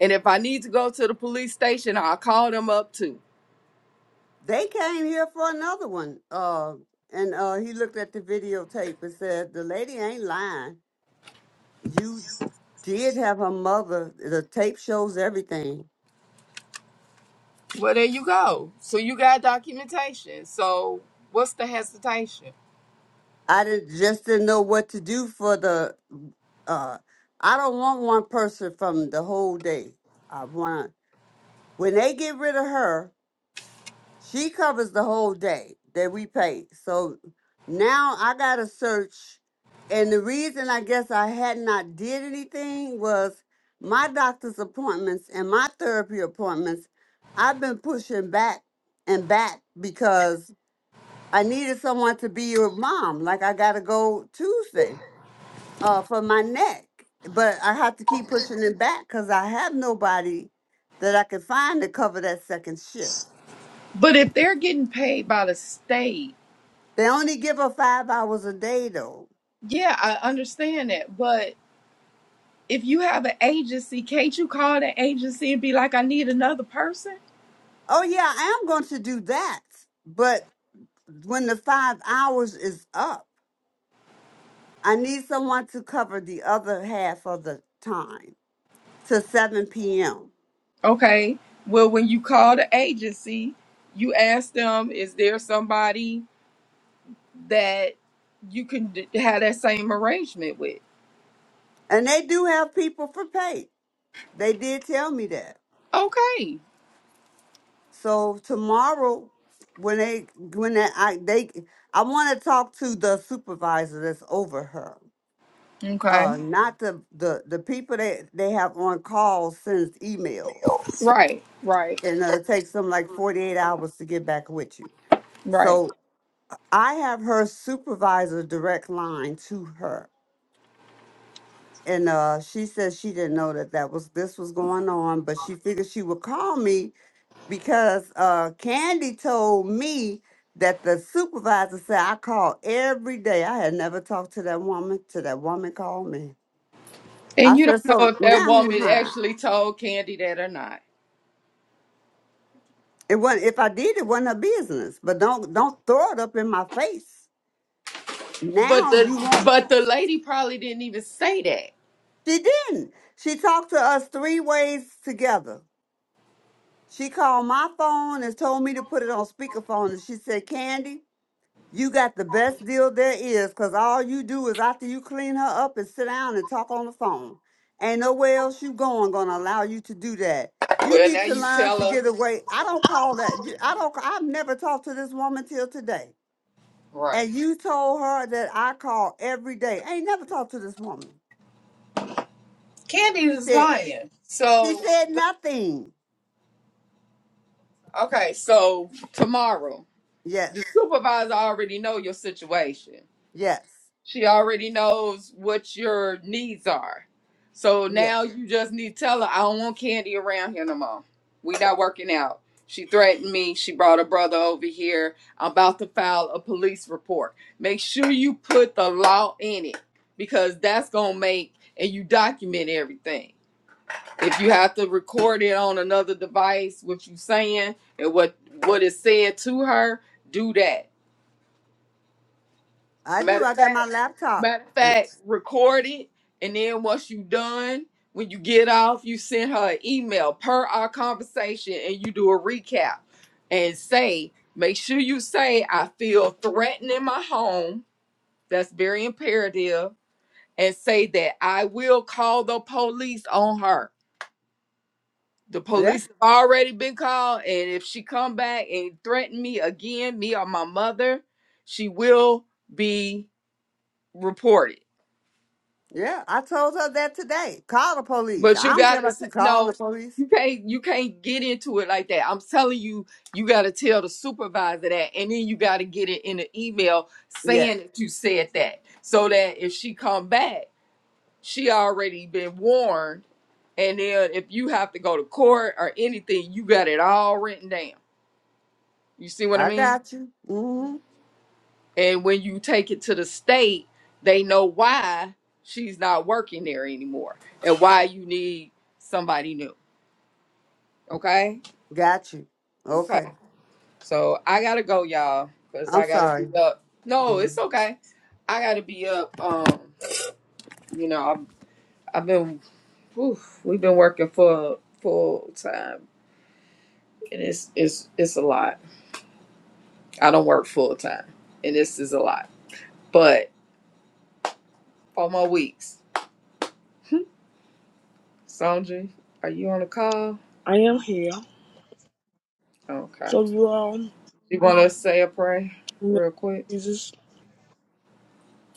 And if I need to go to the police station, I'll call them up too. They came here for another one. Uh and uh he looked at the videotape and said, The lady ain't lying. You did have her mother. The tape shows everything. Well, there you go. So you got documentation. So what's the hesitation? I didn't just didn't know what to do for the uh I don't want one person from the whole day. I want when they get rid of her, She covers the whole day that we pay. So now I gotta search, and the reason I guess I had not did anything was my doctor's appointments and my therapy appointments. I've been pushing back and back because I needed someone to be your mom. Like I gotta go Tuesday uh, for my neck, but I have to keep pushing it back because I have nobody that I can find to cover that second shift. But if they're getting paid by the state, They only give her five hours a day, though. yeah, I understand that. But if you have an agency, can't you call the agency and be like, I need another person? Oh, yeah, I am going to do that. But when the five hours is up, I need someone to cover the other half of the time to 7 p.m. Okay. Well, when you call the agency, you ask them, is there somebody that you can d- have that same arrangement with? And they do have people for pay. They did tell me that. Okay. So tomorrow, when they when they, I they I want to talk to the supervisor that's over her. Okay. Uh, not the the the people that they have on call sends emails. Right, right, and uh, it takes them like 48 hours to get back with you. right. So I have her supervisor direct line to her. And uh, she says she didn't know that that was this was going on, but she figured she would call me because uh, Candy told me that the supervisor said I call every day. I had never talked to that woman. To that woman called me. And I you said, don't know so if that now who's woman lying? actually told Candy that or not. It wasn't. If I did, it wasn't her business. But don't don't throw it up in my face. But Now the you won't. but the lady probably didn't even say that. She didn't. She talked to us three ways together. She called my phone and told me to put it on speakerphone. And she said, Candy, you got the best deal there is because all you do is after you clean her up and sit down and talk on the phone. Ain't nowhere else you going gonna allow you to do that. You Well, now need to you learn tell to get us. away. I don't call that. I don't. I've never talked to this woman till today. Right. And you told her that I call every day. I ain't never talked to this woman. Candy She is said. lying. She So, said nothing. okay, so tomorrow, Yes, the supervisor already know your situation. yes, She already knows what your needs are. So yes. now you just need to tell her, I don't want candy around here no more. We not working out. She threatened me. She brought her brother over here. I'm about to file a police report. Make sure you put the law in it because that's going to make and you document everything. If you have to record it on another device, what you saying and what what is said to her, do that I do. Matter of I got my fact, laptop. matter of Uh, fact, record it, and then once you done, when you get off, you send her an email per our conversation, and you do a recap and say, make sure you say, I feel threatened in my home. That's very imperative, and say that I will call the police on her. The Yeah, police have already been called, and if she come back and threaten me again, me or my mother, she will be reported yeah. I told her that today. Call the police. But I you don't care gotta about say you calling the no. police. You can't. You can't get into it like that. I'm telling you, you gotta tell the supervisor that, and then you gotta get it in an email Yeah, saying that you said that, so that if she come back, she already been warned. And then if you have to go to court or anything, you got it all written down. You see what I I mean? got you. hmm And when you take it to the state, they know why she's not working there anymore and why you need somebody new. Okay. Got you. Okay. Okay. So I gotta go, y'all, because I'm I gotta be sorry. up. No, Mm. it's okay. I gotta be up. Um, you know, I've, I've been, oof, we've been working full full time, and it's it's it's a lot. I don't work full time, and this is a lot. But on my weeks, Sandra, are you on the call? I am here. Okay. So you all in You wanna say a prayer the name of real quick? Jesus.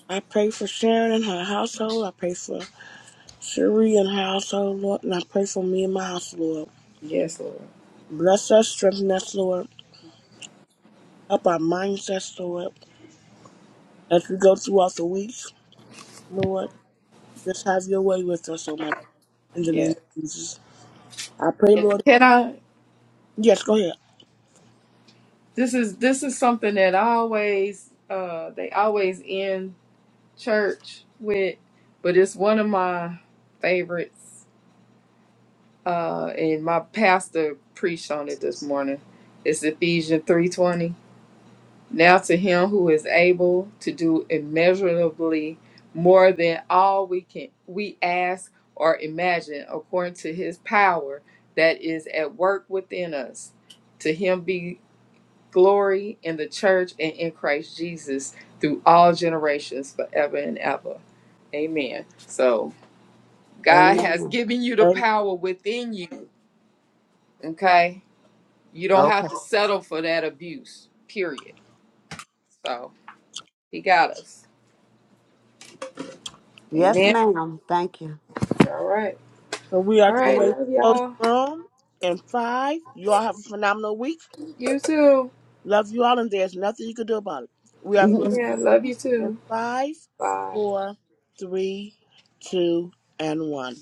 I pray for Sharon and her household. I pray for Sheree and her household, Lord, and I pray for me and my house, Lord. Yes, Lord. Bless us, strengthen us, Lord. Help our mindsets, Lord. As we go throughout the week, Lord, just have your way with us, Almighty. In the name Yes. of Jesus. I pray, And Lord. can I? Yes, go ahead. This is this is something that I always uh they always end. church with, but it's one of my favorites. Uh, and my pastor preached on it this morning. It's Ephesians three twenty. Now to him who is able to do immeasurably more than all we can we ask or imagine, according to his power that is at work within us. To him be glory in the church and in Christ Jesus through all generations, forever and ever. Amen. So, God has Amen. given you the Amen. power within you. Okay. You don't Okay. have to settle for that abuse, period. So, He got us. Yes, Amen. ma'am. Thank All right. So we are All getting right. ready to Love close y'all. the room in five. You all have a phenomenal week. You too. Love you all, and there's nothing you can do about it. We are you. [LAUGHS] closing Amen. Love you in too. five, Bye. four, three, two, and one.